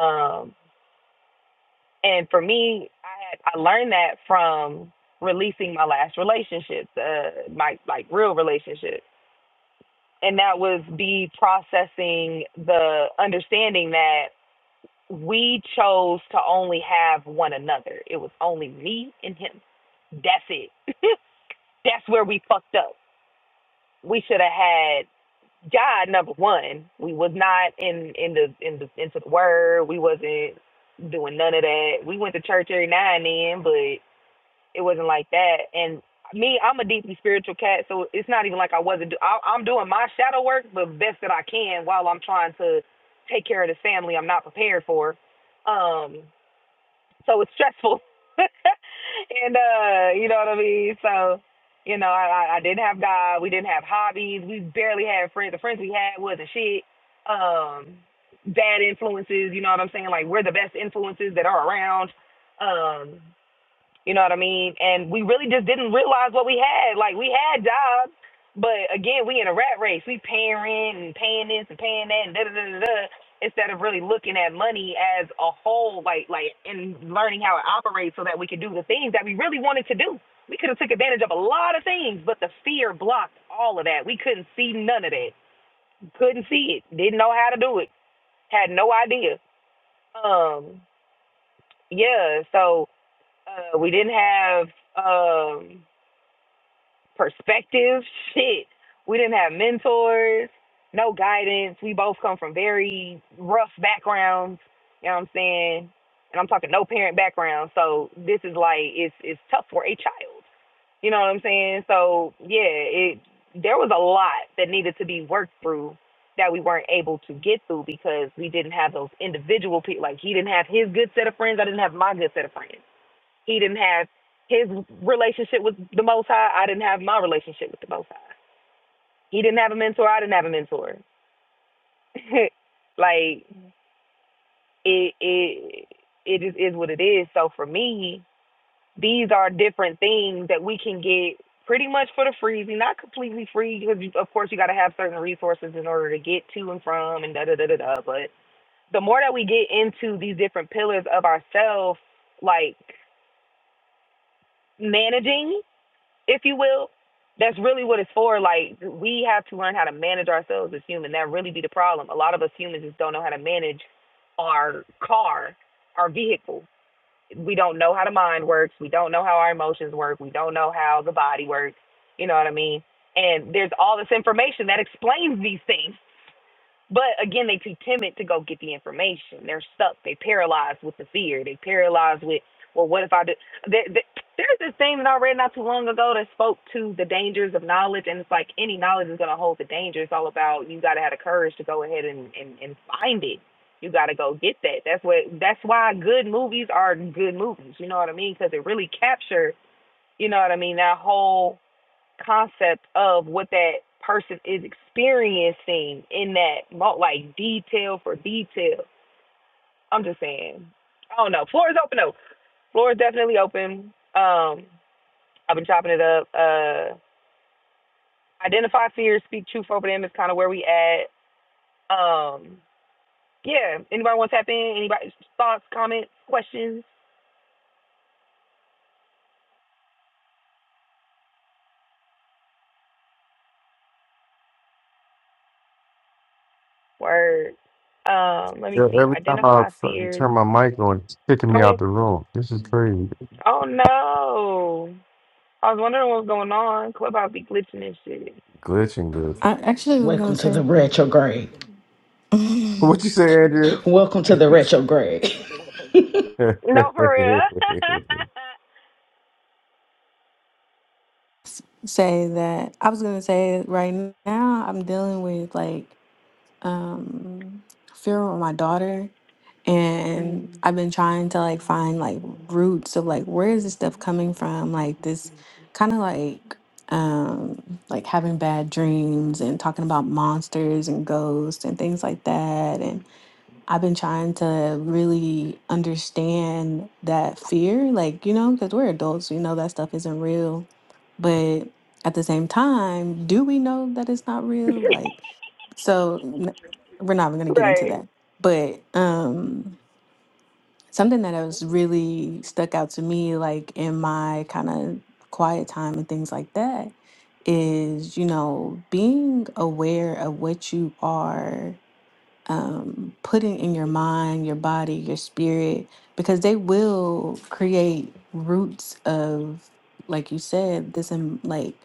S1: Um, and for me, I had I learned that from releasing my last relationships, uh, my like real relationships and that was be processing the understanding that we chose to only have one another. It was only me and him. That's it. That's where we fucked up. We should have had God number one. We was not in in the in the into the word. We wasn't doing none of that. We went to church every now and then, but it wasn't like that. And me, I'm a deeply spiritual cat, so it's not even like I wasn't. Do- I, I'm doing my shadow work the best that I can while I'm trying to take care of this family I'm not prepared for. Um, so it's stressful. and uh, you know what I mean? So, you know, I, I I didn't have God, we didn't have hobbies, we barely had friends. The friends we had wasn't shit. Um bad influences, you know what I'm saying? Like we're the best influences that are around. Um you know what I mean? And we really just didn't realize what we had. Like we had jobs, but again, we in a rat race. We paying rent and paying this and paying that and da da da da. da, Instead of really looking at money as a whole, like like and learning how it operates, so that we could do the things that we really wanted to do. We could have took advantage of a lot of things, but the fear blocked all of that. We couldn't see none of that. Couldn't see it. Didn't know how to do it. Had no idea. Um, yeah. So uh, we didn't have. Um, perspective. Shit, we didn't have mentors, no guidance. We both come from very rough backgrounds. You know what I'm saying? And I'm talking no parent background. So this is like it's it's tough for a child. You know what I'm saying? So yeah, it there was a lot that needed to be worked through that we weren't able to get through because we didn't have those individual people. Like he didn't have his good set of friends. I didn't have my good set of friends. He didn't have his relationship with the Most High. I didn't have my relationship with the Most High. He didn't have a mentor. I didn't have a mentor. like it, it, it just is what it is. So for me, these are different things that we can get pretty much for the free. Not completely free because, you, of course, you got to have certain resources in order to get to and from and da da da da da. But the more that we get into these different pillars of ourselves, like managing. if you will. That's really what it's for. Like we have to learn how to manage ourselves as humans. That really be the problem. A lot of us humans just don't know how to manage our car, our vehicle. We don't know how the mind works. We don't know how our emotions work. We don't know how the body works. You know what I mean? And there's all this information that explains these things. But again, they too timid to go get the information. They're stuck. They paralyzed with the fear. They paralyzed with, well, what if I do? There, there, there's this thing that I read not too long ago that spoke to the dangers of knowledge, and it's like any knowledge is going to hold the danger. It's all about you got to have the courage to go ahead and and, and find it. You got to go get that. That's what. That's why good movies are good movies. You know what I mean? Because they really capture. You know what I mean? That whole concept of what that person is experiencing in that mo- like detail for detail. I'm just saying. I don't know. Floor is open though. Floor is definitely open. Um, I've been chopping it up. Uh, identify fears, speak truth over them is kind of where we at. Um, yeah. Anybody want to tap in? Anybody thoughts, comments, questions? Word. Um, let me
S2: Yeah,
S1: see.
S2: every time I
S1: Identify
S2: fucking
S1: fears.
S2: turn my mic on, it's kicking me
S1: Go
S2: out
S1: ahead.
S2: the room. This is crazy.
S1: Oh no. I was wondering what's going on. Clubhouse be glitching and shit.
S2: Glitching, glitching.
S4: I actually was gonna
S5: Welcome to the
S4: say
S5: retrograde.
S2: What you say, Andrea?
S5: Welcome to the retrograde.
S1: No, for
S4: say that I was gonna say right now I'm dealing with like um fear with my daughter
S1: real.
S4: and
S1: mm.
S4: I've been trying to like find like roots of like where is this stuff coming from like this kind of like um like having bad dreams and talking about monsters and ghosts and things like that and I've been trying to really understand that fear like you know because we're adults we know that stuff isn't real But at the same time, do we know that it's not real? Like, so n- we're not even going to get into
S1: Right.
S4: that. But um, something that was really stuck out to me, like in my kind of quiet time and things like that, is, you know, being aware of what you are um, putting in your mind, your body, your spirit, because they will create roots of, like you said, this im- like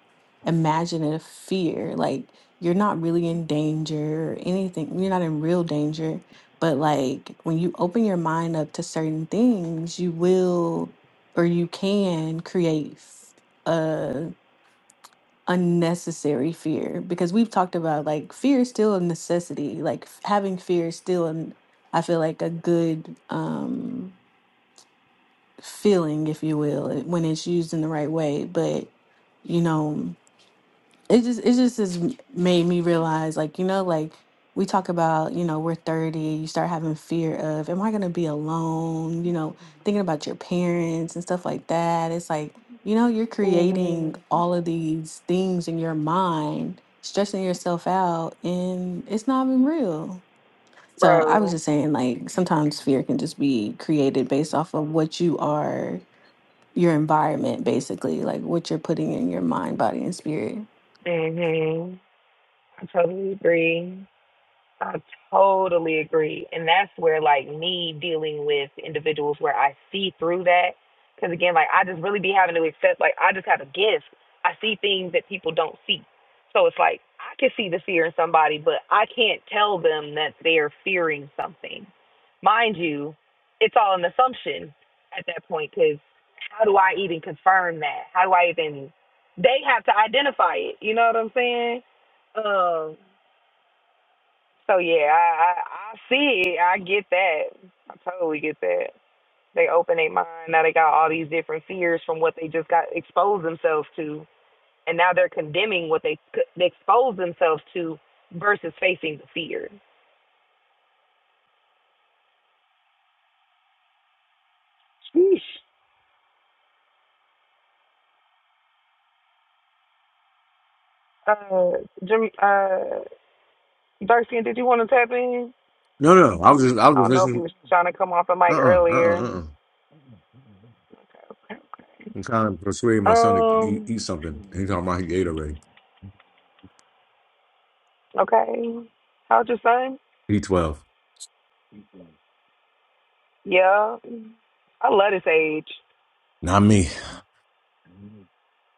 S4: imaginative fear. Like you're not really in danger or anything. You're not in real danger, but like when you open your mind up to certain things, you will or you can create unnecessary fear because we've talked about like fear is still a necessity like f- having fear is still an i feel like a good um feeling if you will when it's used in the right way but you know it just it just has made me realize like you know like we talk about you know we're 30 you start having fear of am i going to be alone you know thinking about your parents and stuff like that it's like you know you're creating
S1: Mm.
S4: all of these things in your mind stressing yourself out and it's not even real so i was
S1: Bro.
S4: just saying like sometimes fear can just be created based off of what you are your environment basically like what you're putting in your mind body and spirit
S1: hmm I totally agree. I totally agree. And that's where like me dealing with individuals where I see through that. Cause again, like I just really be having to accept, like I just have a gift. I see things that people don't see. So it's like I can see the fear in somebody, but I can't tell them that they're fearing something. Mind you, it's all an assumption at that point. Cause how do I even confirm that? How do I even, they have to identify it. You know what I'm saying? Um, so yeah, I, I I see it. I get that. I totally get that. They open their mind now. They got all these different fears from what they just got exposed themselves to, and now they're condemning what they, c- they exposed themselves to versus facing the fear. Sheesh. Uh, Jim, uh, Darcy, did you want to tap in?
S2: No, no, I was just, I was
S1: I
S2: just
S1: don't know if you
S2: listening.
S1: was trying to come off the
S2: Uh,
S1: mic
S2: uh-uh, uh, uh,
S1: earlier.
S2: uh. uh I'm trying to persuade my son to eat,
S1: Um.
S2: eat something. He's talking about he ate already.
S1: Okay. How's your son?
S2: He twelve,
S1: Yeah. I love this age.
S2: not me.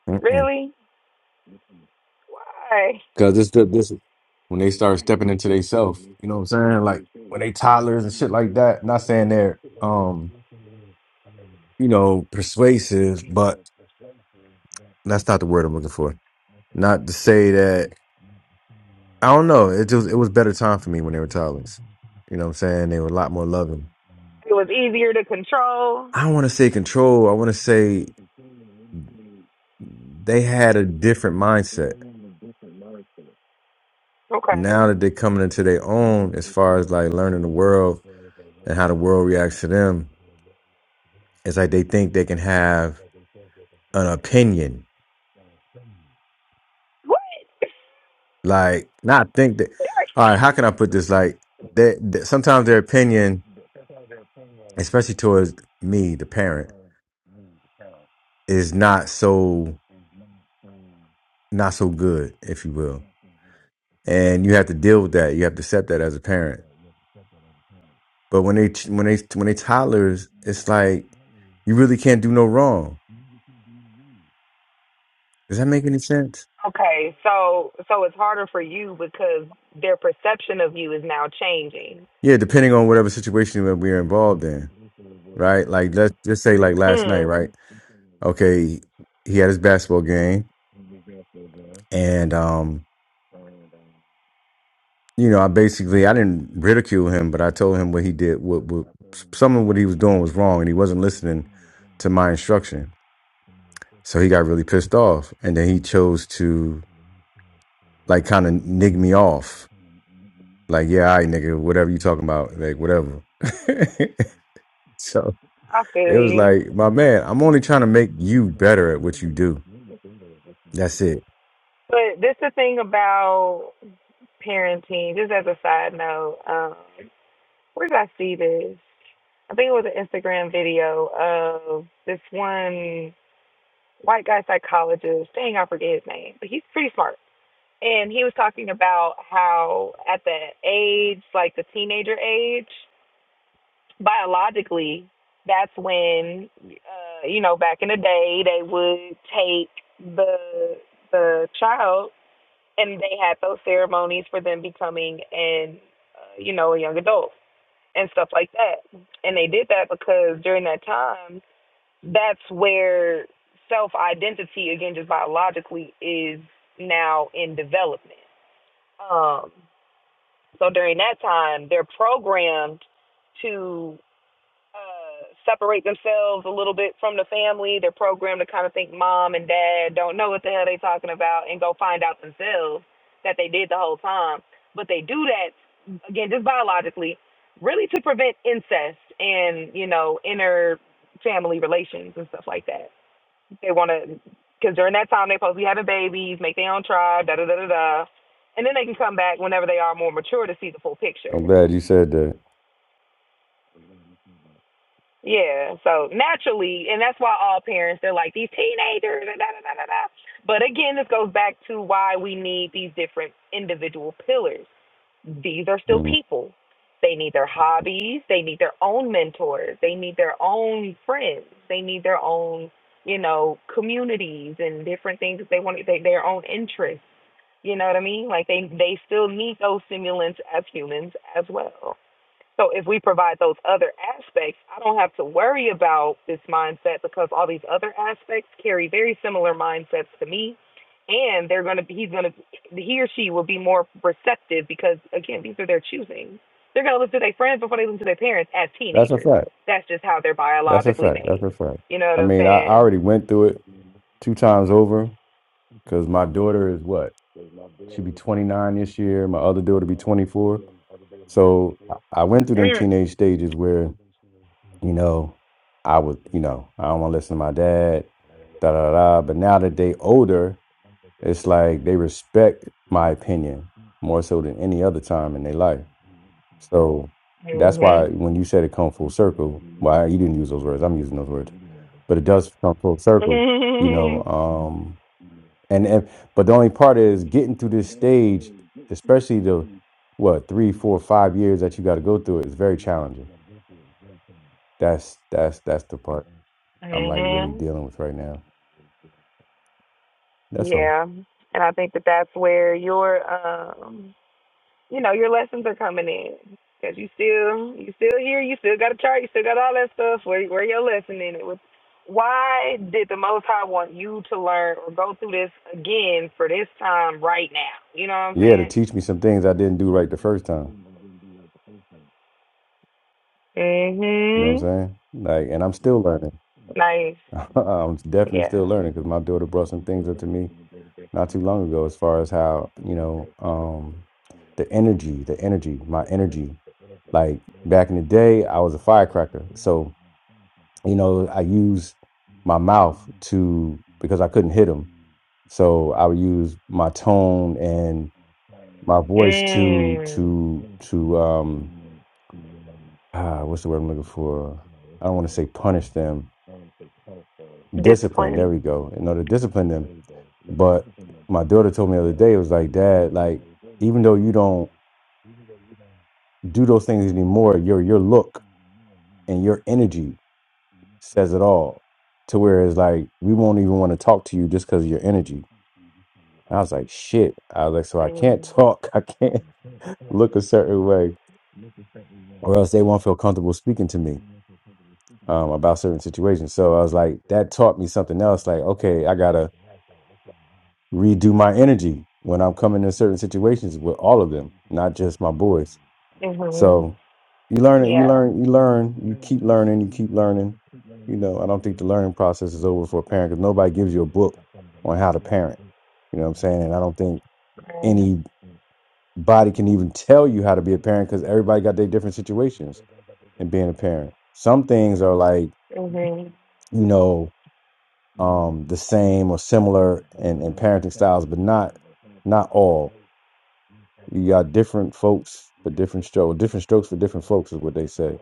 S2: Because
S1: Really? Why?
S2: this, the- this, when they start stepping into themselves, you know what I'm saying? Like when they toddlers and shit like that. Not saying they're, um, you know, persuasive, but that's not the word I'm looking for. Not to say that I don't know. It just it was better time for me when they were toddlers. You know what I'm saying? They were a lot more loving.
S1: It was easier to control.
S2: I don't want to say control. I want to say they had a different mindset.
S1: Okay.
S2: Now that they're coming into their own, as far as like learning the world and how the world reacts to them, it's like they think they can have an opinion.
S1: What?
S2: Like not think that. All right, how can I put this? Like that. Sometimes their opinion, especially towards me, the parent, is not so. not so good, if you will. And you have to deal with that. You have to accept that as a parent. But when they when they when they toddlers, it's like you really can't do no wrong. Does that make any sense?
S1: Okay, so so it's harder for you because their perception of you is now changing.
S2: Yeah, depending on whatever situation that we're involved in, right? Like let's just say like last night,
S1: Hmm.
S2: right? Okay, he had his basketball game, and um, you know, I basically I didn't ridicule him, but I told him what he did, what, what some of what he was doing was wrong, and he wasn't listening to my instruction So he got really pissed off. And then he chose to like kind of nig me off. Like, yeah, all right, nigga, whatever you talking about, like whatever. so
S1: I feel
S2: it was
S1: you.
S2: like, my man, I'm only trying to make you better at what you do. That's it.
S1: But this is the thing about parenting, just as a side note, um, where did I see this? I think it was an Instagram video of this one white guy psychologist. Dang, I forget his name, but he's pretty smart. and he was talking about how at the age like the teenager age biologically that's when uh you know back in the day they would take the the child and they had those ceremonies for them becoming an uh, you know a young adult and stuff like that and they did that because during that time that's where self identity again just biologically is now in development um So during that time, they're programmed to uh, separate themselves a little bit from the family. They're programmed to kind of think mom and dad don't know what the hell they're talking about and go find out themselves that they did the whole time. But they do that, again, just biologically, really to prevent incest and, you know, inner family relations and stuff like that. They want to, because during that time they're supposed to be having babies, make their own tribe, da da da da da, and then they can come back whenever they are more mature to see the full picture.
S2: I'm glad you said that.
S1: Yeah, so naturally, and that's why all parents they're like these teenagers, da da da da da. But again, this goes back to why we need these different individual pillars. These are still
S2: Mm.
S1: people. They need their hobbies. They need their own mentors. They need their own friends. They need their own you know, communities and different things that they want, they, their own interests. You know what I mean? Like they they still need those stimulants as humans as well. So if we provide those other aspects, I don't have to worry about this mindset because all these other aspects carry very similar mindsets to me, and they're gonna be he's gonna he or she will be more receptive because again these are their choosing. They're gonna listen to their friends before they listen to their parents as
S2: That's a
S1: teenagers.
S2: fact.
S1: That's just how they're
S2: That's a
S1: biologically
S2: fact. That's
S1: made.
S2: a fact.
S1: You know what
S2: I
S1: I'm
S2: mean, I, I
S1: saying?
S2: already went through it two times over because my daughter is what? She'll be 29 this year. My other daughter be 24. So I I went through them
S1: Mm.
S2: teenage stages where you know, I would, you know, I don't want to listen to my dad, da da da. But now that they older, it's like they respect my opinion more so than any other time in their life. So that's why
S1: Mhm.
S2: when you said it come full circle, why you didn't use those words, I'm using those words, but it does come full circle, you know. Um, and and but the only part is getting through this stage, especially the what three, four, five years that you got to go through it is very challenging. That's that's that's the part. I'm like really
S1: Mhm.
S2: dealing with right now. That's all.
S1: Yeah, and I think that that's where your um, you know, your lessons are coming in because you still you still here, you still got a chart, you still got all that stuff. Where where your lesson in it was? Why did the Most High want you to learn or go through this again for this time right now? You know what I'm
S2: Yeah, to
S1: saying?
S2: teach me some things I didn't do right the first time. You know what
S1: Mhm.
S2: I'm saying? Like, and I'm still learning.
S1: Nice.
S2: I'm definitely still
S1: Yeah.
S2: learning because my daughter brought some things up to me not too long ago as far as how, you know, um, the energy, the energy, my energy. Like back in the day, I was a firecracker. So, you know, I used my mouth to, because I couldn't hit them. So I would use my tone and. my voice to
S1: Mm.
S2: to to um ah, what's the word I'm looking for? I don't want to say punish them, discipline. There
S1: Discipline.
S2: we go. In order to discipline them, but my daughter told me the other day it was like, Dad, like even though you don't do those things anymore, your your look and your energy says it all. To where it's like we won't even want to talk to you just because of your energy. And I was like, shit. I was like, so I can't
S1: Mm.
S2: talk. I can't look a certain way, or else they won't feel comfortable speaking to me. um, about certain situations. So I was like, that taught me something else. Like, okay, I gotta redo my energy when I'm coming to certain situations with all of them, not just my boys.
S1: Mhm.
S2: So you learn it, you
S1: Yeah.
S2: learn, you learn, you keep learning, you keep learning. You know, I don't think the learning process is over for a parent because nobody gives you a book on how to parent. You know what I'm saying? And I don't think
S1: Mm.
S2: anybody can even tell you how to be a parent because everybody got their different situations in being a parent. Some things are like,
S1: Mhm.
S2: you know, um the same or similar in, in parenting styles, but not not all. You got different folks for different strokes, different strokes for different folks is what they say.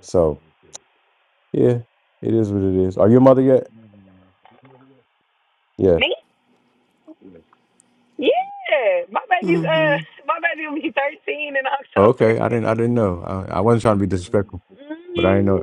S2: So yeah, it is what it is. Are you a mother yet? Yeah.
S1: Me? Yeah, my baby's uh, my baby will be thirteen in October.
S2: Okay, I didn't I didn't know. I, I wasn't trying to be disrespectful, but I didn't know.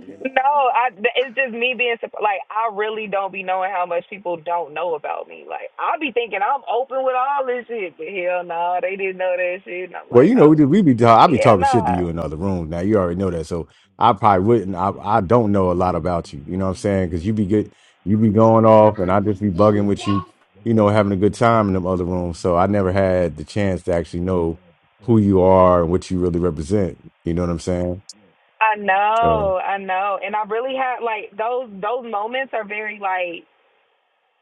S1: no, I it's just me being surp- like I really don't be knowing how much people don't know about me. Like I be thinking I'm open with all this shit, but hell no, they didn't know that shit, and I'm
S2: Well,
S1: like,
S2: you know,
S1: oh
S2: we be ta- i be
S1: yeah,
S2: talking shit to
S1: no.
S2: you in other rooms. Now you already know that, so I probably wouldn't. I I don't know a lot about you. You know what I'm saying? Because you be good, you be going off, and I just be bugging with you. You know, having a good time in them other rooms. So I never had the chance to actually know who you are and what you really represent. You know what I'm saying?
S1: I
S2: So
S1: know, I know, and I really have like those those moments are very like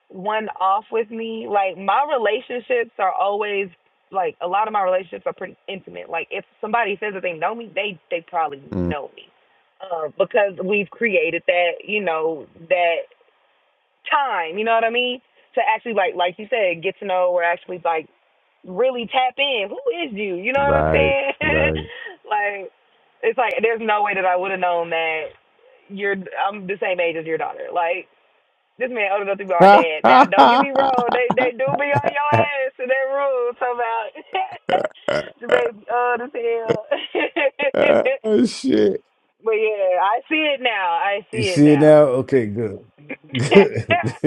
S1: one off with me. Like my relationships are always like a lot of my relationships are pretty intimate. Like if somebody says that they know me, they they probably
S2: mm,
S1: know me. Uh, because we've created that, you know, that time, you know what I mean? To actually like like you said, get to know or actually like really tap in. Who is you? You know what I'm
S2: right,
S1: saying?
S2: right.
S1: like it's like there's no way that I would have known that you're I'm the same age as your daughter. Like this man older enough to my dad. Now, don't get me wrong. They they do be on your ass in that room. Somehow. the baby old as hell.
S2: shit.
S1: but yeah, I see it now. I
S2: You
S1: see it
S2: see it
S1: now.
S2: now? Okay, good. Because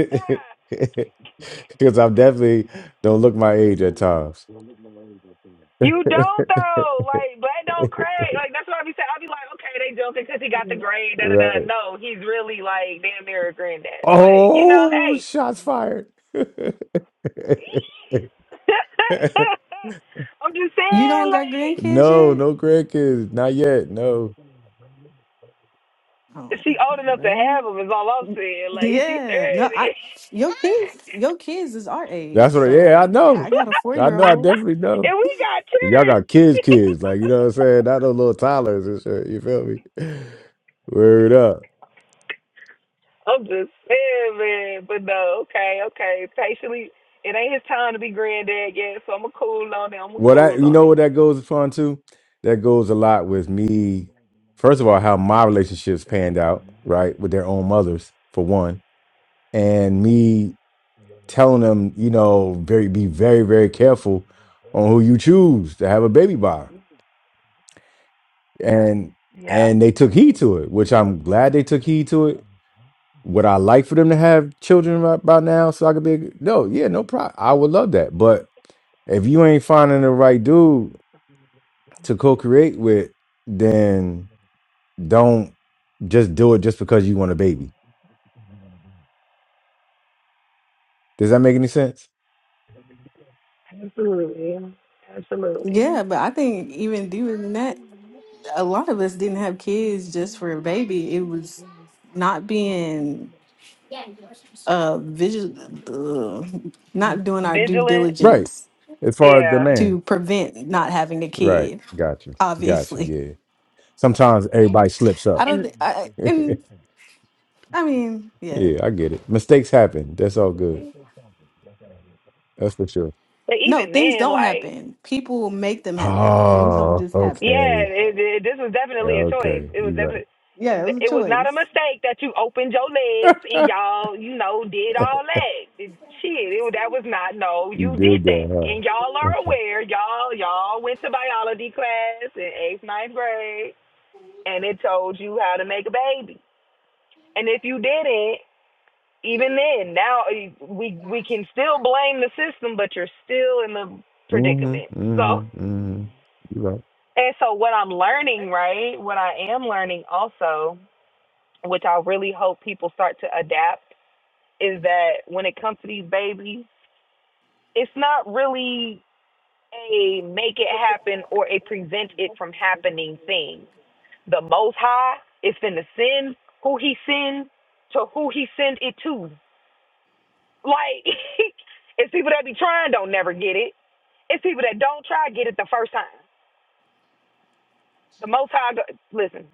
S2: I'm definitely don't look my age at times.
S1: you don't though. Like black don't crack. Like that's what I be saying. I be like, okay, they joking because he got the grade. Da da da.
S2: Right.
S1: No, he's really like damn near a granddad. But you know,
S2: Oh,
S1: hey.
S2: shots fired.
S1: I'm just
S4: You
S1: saying,
S4: don't got
S1: like,
S4: grandkids
S2: No,
S4: yet?
S2: no grandkids. Not yet. No.
S4: Oh,
S1: She old enough to
S4: well,
S1: have them is all I'm saying. Like she
S4: yeah. No, I
S1: thirty.
S4: your kids, your kids is our
S2: That's
S4: age,
S2: what, yeah, I
S4: so
S1: That's
S2: know.
S4: I
S1: what
S4: got a
S1: I'm
S4: four
S2: I
S4: year
S2: know. I
S1: saying.
S4: old.
S2: definitely know.
S1: And we got
S2: Y'all
S1: children.
S2: got kids, kids. Like, you know what I'm saying? Not no little toddlers and shit. You feel me? Word up.
S1: I'm just saying, man. But no, okay, okay. Patiently, it ain't his time to be granddad yet. So I'ma cool on it. I'ma
S2: What I
S1: cool
S2: you
S1: on
S2: know what
S1: it.
S2: that goes upon too? That goes a lot with me. First of all, how my relationships panned out, right, with their own mothers, for one, and me telling them, you know, very be very very careful on who you choose to have a baby by, and
S1: Yeah.
S2: and they took heed to it, which I'm glad they took heed to it. Would I like for them to have children by, by now so I could be a, no, yeah, no problem. I would love that, but if you ain't finding the right dude to co-create with, then don't just do it just because you want a baby. Does that make any sense?
S4: Yeah, but I think even doing that, a lot of us didn't have kids just for a baby. It was not being uh visual, not doing our due
S1: Vigilant.
S2: Right.
S4: diligence
S2: As far as
S1: Yeah.
S2: demand.
S4: to prevent not having a
S2: Right.
S4: kid.
S2: Got you. Got you.
S4: Obviously,
S2: Yeah. Sometimes everybody slips
S4: I
S2: up.
S4: don't
S1: And
S4: think. I
S2: yeah,
S4: and I mean, yeah.
S2: I get it. Mistakes happen. That's all good. That's for sure.
S1: but
S4: No,
S1: even
S4: things
S1: then,
S4: don't
S1: like.
S4: happen. People make them happen. Things don't
S2: Oh,
S4: just happen.
S1: Yeah,
S2: okay.
S1: it, it, this was definitely a choice.
S2: Okay.
S1: It was
S2: You right.
S1: definitely,
S4: Yeah, it was a
S1: it was not a
S4: choice.
S1: mistake that you opened your legs and y'all, you know, did all that. It, shit, it, was- that was not. No,
S2: you
S1: you did
S2: did
S1: that,
S2: that, huh?
S1: and y'all are aware. Y'all, y'all went to biology class in eighth, ninth grade, and it told you how to make a baby. And if you didn't, even then, now eh, we we can still blame the system, but you're still in the
S2: mm-hmm.
S1: predicament.
S2: Mm-hmm.
S1: So
S2: Mm-hmm. You right.
S1: And so what I'm learning, right? What I am learning also, which I really hope people start to adapt, is that when it comes to these babies, it's not really a make it happen or a prevent it from happening thing. The most high is finna send who he send to who he send it to. Like it's people that be trying don't never get it. It's people that don't try get it the first time. The most high go- listen.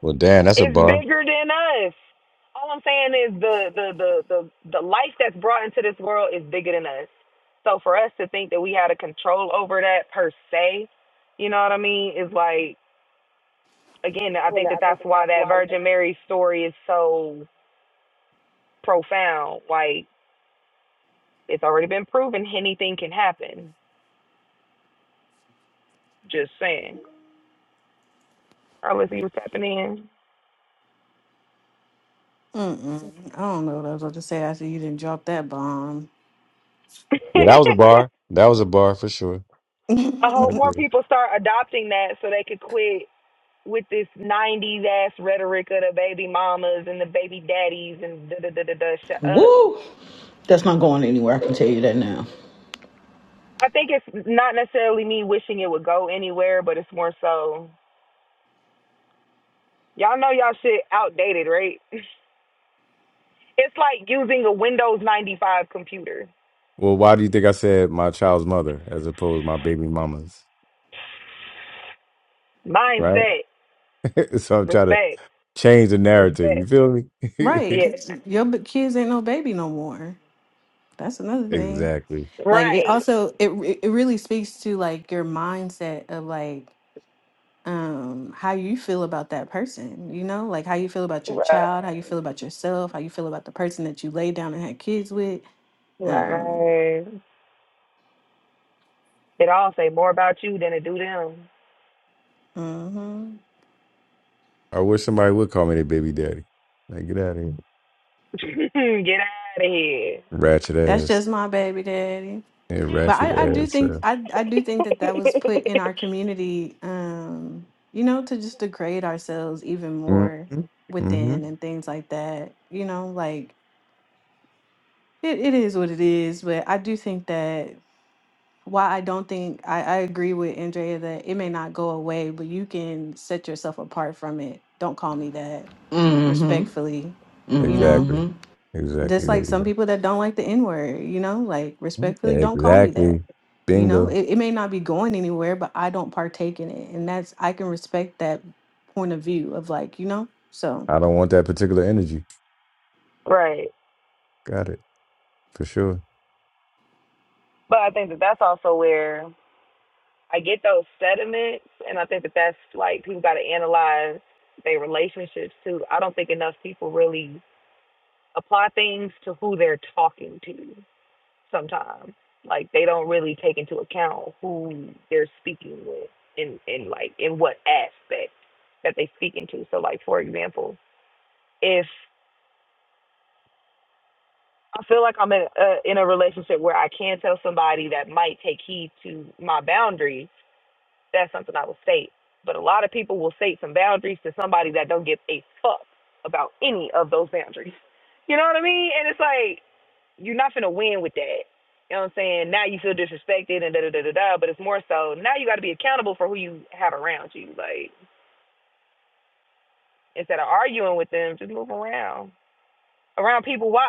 S2: Well, damn, that's a
S1: It's
S2: bar.
S1: bigger than us. All I'm saying is the the the the, the life that's brought into this world is bigger than us. So for us to think that we had a control over that per se, you know what I mean, is like again, I think that that's why that Virgin Mary story is so profound. Like it's already been proven anything can happen. Just saying. All right, let's see what's happening.
S4: Mm-mm. I don't know what I was about to say after you didn't drop that bomb.
S2: Yeah, that was a bar. That was a bar for sure.
S1: I
S2: I
S1: hope more
S2: agree.
S1: people start adopting that so they could quit with this 90s ass rhetoric of the baby mamas and the baby daddies and da da da da da. Shut up.
S5: Woo! That's not going anywhere. I can tell you that now.
S1: I think it's not necessarily me wishing it would go anywhere, but it's more so y'all know y'all shit outdated, right? It's like using a Windows 95 computer.
S2: Well, why do you think I said my child's mother as opposed to my baby mama's? Right?
S1: Mindset,
S2: so I'm trying to
S1: respect,
S2: change the narrative.
S1: respect.
S2: You feel
S4: right,
S2: me?
S1: Yeah.
S4: because your b- kids ain't no baby no more. That's another thing.
S2: exactly.
S4: Like it
S1: Right.
S4: also it re- it really speaks to like your mindset of like um how you feel about that person, you know? Like how you feel about your child, how you
S1: Right.
S4: feel about yourself, how you feel about the person that you lay down and had kids with. Um
S1: Right. It all say more about you than it do them.
S4: mhm.
S2: I wish somebody would call me their baby daddy. Like, get out of here.
S1: Get out of here.
S2: Ratchet
S4: That's
S2: ass.
S4: just my baby daddy.
S2: Yeah,
S4: But
S2: ratchet
S4: I, I do
S2: ass.
S4: think
S2: Uh,
S4: I, I do think that that was put in our community, um, you know, to just degrade ourselves even more
S2: mm-hmm. Mm-hmm.
S4: within and things like that. You know, like it, it is what it is. But I do think that while I don't think I, I agree with Andrea that it may not go away, but you can set yourself apart from it. Don't call me that
S5: Mm Mm
S4: respectfully,
S5: hmm.
S4: you know?
S2: Exactly.
S5: hmm.
S2: Exactly.
S4: Just
S2: There
S4: like
S2: you
S4: some people that don't like the N word, you know, like
S2: go. Mhm.
S4: respectfully, don't call me that.
S2: Exactly.
S4: You know,
S2: Bingo.
S4: it, it may not be going anywhere, but I don't partake in it. And that's, I can respect that point of view of like, you know, so.
S2: I don't want that particular energy.
S1: right.
S2: Got it. For sure.
S1: But I think that that's also where I get those sediments, and I think that that's like people got to analyze their relationships too. I don't think enough people really apply things to who they're talking to sometimes. Like they don't really take into account who they're speaking with and and like in what aspect that they speaking to. So like for example, if I feel like I'm in a, in a relationship where I can tell somebody that might take heed to my boundaries That's something I will state. But a lot of people will state some boundaries to somebody that don't give a fuck about any of those boundaries. You know what I mean? And it's like you're not gonna win with that. You know what I'm saying? Now you feel disrespected and da da da da da. But it's more so now you got to be accountable for who you have around you. Like instead of arguing with them, just move around around people. Why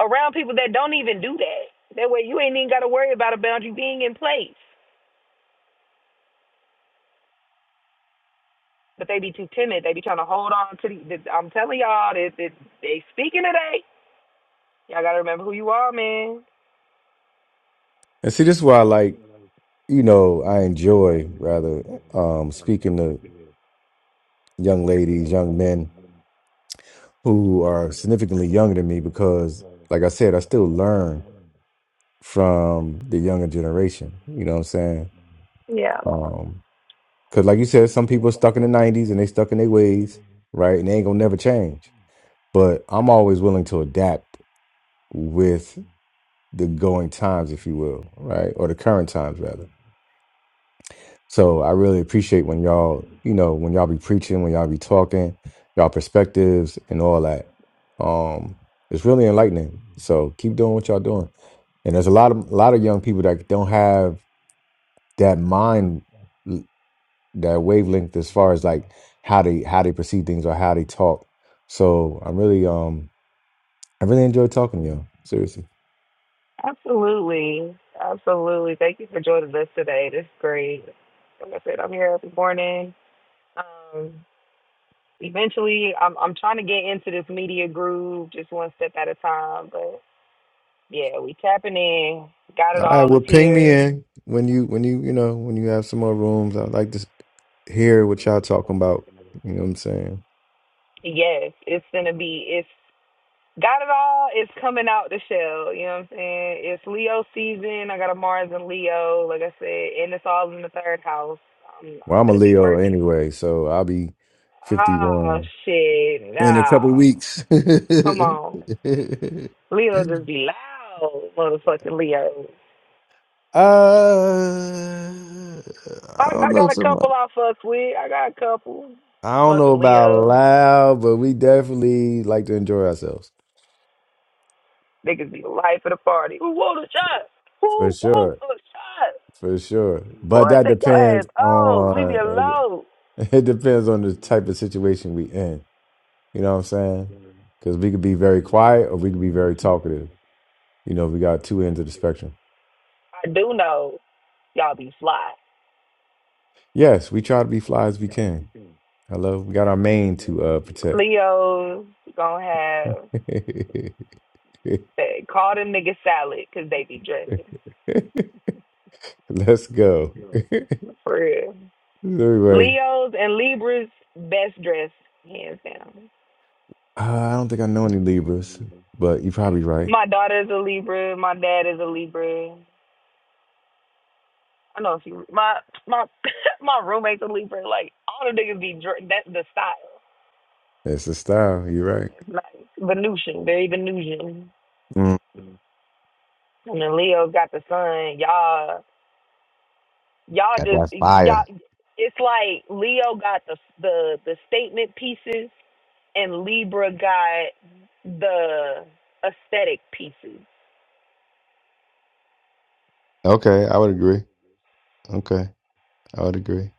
S1: around people that don't even do that? That way you ain't even got to worry about a boundary being in place. but they be too timid. They be trying to hold on to the. the I'm telling y'all, that that they speaking today. Y'all gotta remember who you are, man.
S2: And see, this is why I like. you know, I enjoy rather um, speaking to young ladies, young men who are significantly younger than me because, like I said, I still learn from the younger generation. You know what I'm saying?
S1: Yeah.
S2: Um, cause like you said, some people are stuck in the nineties and they stuck in their ways, right? And they ain't gonna never change. But I'm always willing to adapt with the going times, if you will, right? Or the current times rather So I really appreciate when y'all, you know, when y'all be preaching, when y'all be talking, y'all perspectives and all that. Um, it's really enlightening. So keep doing what y'all doing. And there's a lot of a lot of young people that don't have that mind, that wavelength as far as like how they how they perceive things or how they talk. So I'm really um I really enjoy talking to y'all. Seriously.
S1: Absolutely, absolutely. Thank you for joining us today. This is great. Like I said, I'm here every morning. Um, eventually, I'm I'm trying to get into this media groove, just one step at a time. But yeah, we tapping in. Got it
S2: All right,
S1: all is
S2: well, ping me
S1: here.
S2: in when you when you you know when you have some more rooms. I'd like to s- hear what y'all talking about. You know what I'm saying?
S1: Yes, it's gonna be. It's. Got it all is coming out the shell. You know what I'm saying? It's Leo season. I got a Mars and Leo, like I said, and it's all in the third house. I'm, I'm
S2: Well, I'm a
S1: gonna be
S2: Leo
S1: working.
S2: anyway, so I'll be
S1: Oh
S2: 51
S1: shit!
S2: in a couple
S1: No,
S2: weeks. uh, I
S1: come on. Leo just be loud, motherfucking Leo. I,
S2: don't
S1: I
S2: know
S1: got a
S2: so
S1: couple
S2: much.
S1: I fuck with. I got a couple
S2: I don't know
S1: fucking
S2: about
S1: Leos.
S2: loud, but we definitely like to enjoy ourselves
S1: Niggas be the life of the party. Who want a shot?
S2: for
S1: Who wants
S2: sure,
S1: a shot?
S2: for sure. But
S1: Boy,
S2: that
S1: take your
S2: depends
S1: ass. Oh, leave me
S2: on
S1: alone.
S2: It depends on the type of situation we in. You know what I'm saying? Because we could be very quiet or we could be very talkative. You know, we got two ends of the spectrum.
S1: I do know. Y'all be fly.
S2: Yes, we try to be fly as we can. Hello, we got our mane to uh, protect.
S1: Leo's gonna have they- call them niggas salad because they be dressing
S2: Let's go.
S1: for real.
S2: anyway,
S1: Leo's and Libras best dressed hands down.
S2: uh, I don't think I know any Libras, but you're probably right.
S1: My daughter's a Libra. My dad is a Libra. I know a few. My my my roommate's a Libra. Like all the niggas be dre- that's the style.
S2: It's the style. You're right.
S1: It's nice. Venusian, very Venusian.
S2: Mm.
S1: And then Leo got the sun. Y'all. y'all
S2: Yeah,
S1: just
S2: that's fire.
S1: y'all it's like leo got the the the statement pieces and libra got the aesthetic pieces
S2: Okay, I would agree. Okay, I would agree.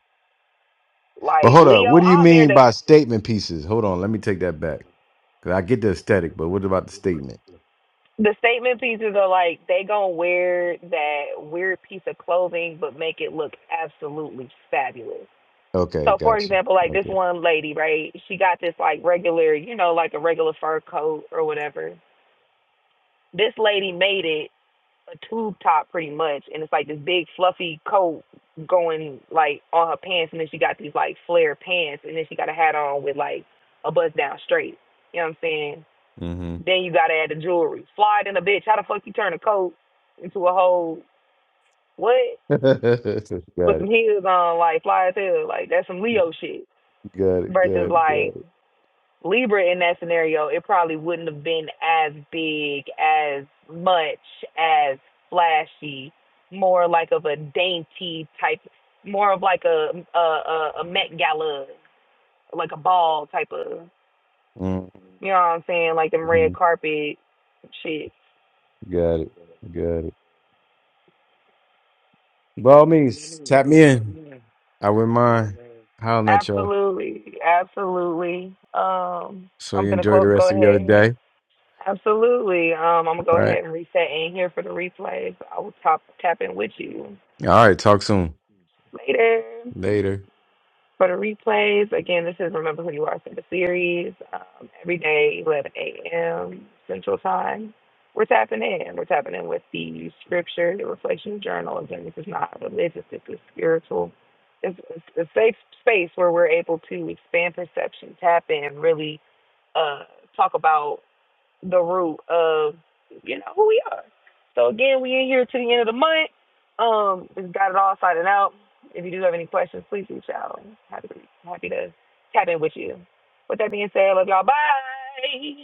S2: But
S1: like
S2: hold up,
S1: leo
S2: what do you
S1: amir
S2: mean
S1: the
S2: by statement pieces? Hold on, let me take that back. Cause I get the aesthetic, but what about the statement?
S1: the statement pieces are like they gonna wear that weird piece of clothing but make it look absolutely fabulous
S2: Okay,
S1: so for
S2: got you.
S1: example like this
S2: Okay.
S1: one lady right she got this like regular you know like a regular fur coat or whatever this lady made it a tube top pretty much, and it's like this big fluffy coat going like on her pants, and then she got these like flare pants, and then she got a hat on with like a bust down straight. You know what I'm saying?
S2: Mm-hmm.
S1: Then you gotta add the jewelry. Fly than a bitch. How the fuck you turn a coat into a whole what?
S2: got it. Got
S1: With some
S2: it.
S1: heels on, like fly as hell. Like that's some Leo shit.
S2: Got
S1: Versus
S2: it.
S1: like
S2: Got it.
S1: Libra in that scenario, it probably wouldn't have been as big, as much, as flashy, more like of a dainty type, more of like a a a, a Met Gala, like a ball type of, you know what I'm saying, like them
S2: Mm-hmm.
S1: red carpet shit.
S2: Got it. Got it. By all means, tap me in. I wouldn't mind hollering at y'all.
S1: Absolutely, absolutely. Um,
S2: So
S1: I'm
S2: you
S1: gonna
S2: enjoy the
S1: go go
S2: rest of your
S1: ahead.
S2: day.
S1: Absolutely. Um, I'm gonna
S2: All
S1: go
S2: right.
S1: ahead and reset in here for the replays. I will top tap in with you
S2: All right. Talk soon.
S1: later.
S2: Later.
S1: For the replays, again, this is Remember Who You Are Center Series, um, every day, 11 a.m. Central Time. We're tapping in. We're tapping in with the scripture, the reflection journal. Again, this is not religious, this is spiritual. It's, it's a safe space where we're able to expand perception, tap in, really uh, talk about the root of you know who we are. So again, we in here to the end of the month. Um, just got it all sorted out. If you do have any questions, please reach out. Happy happy to tap in with you. With that being said, love y'all. Bye.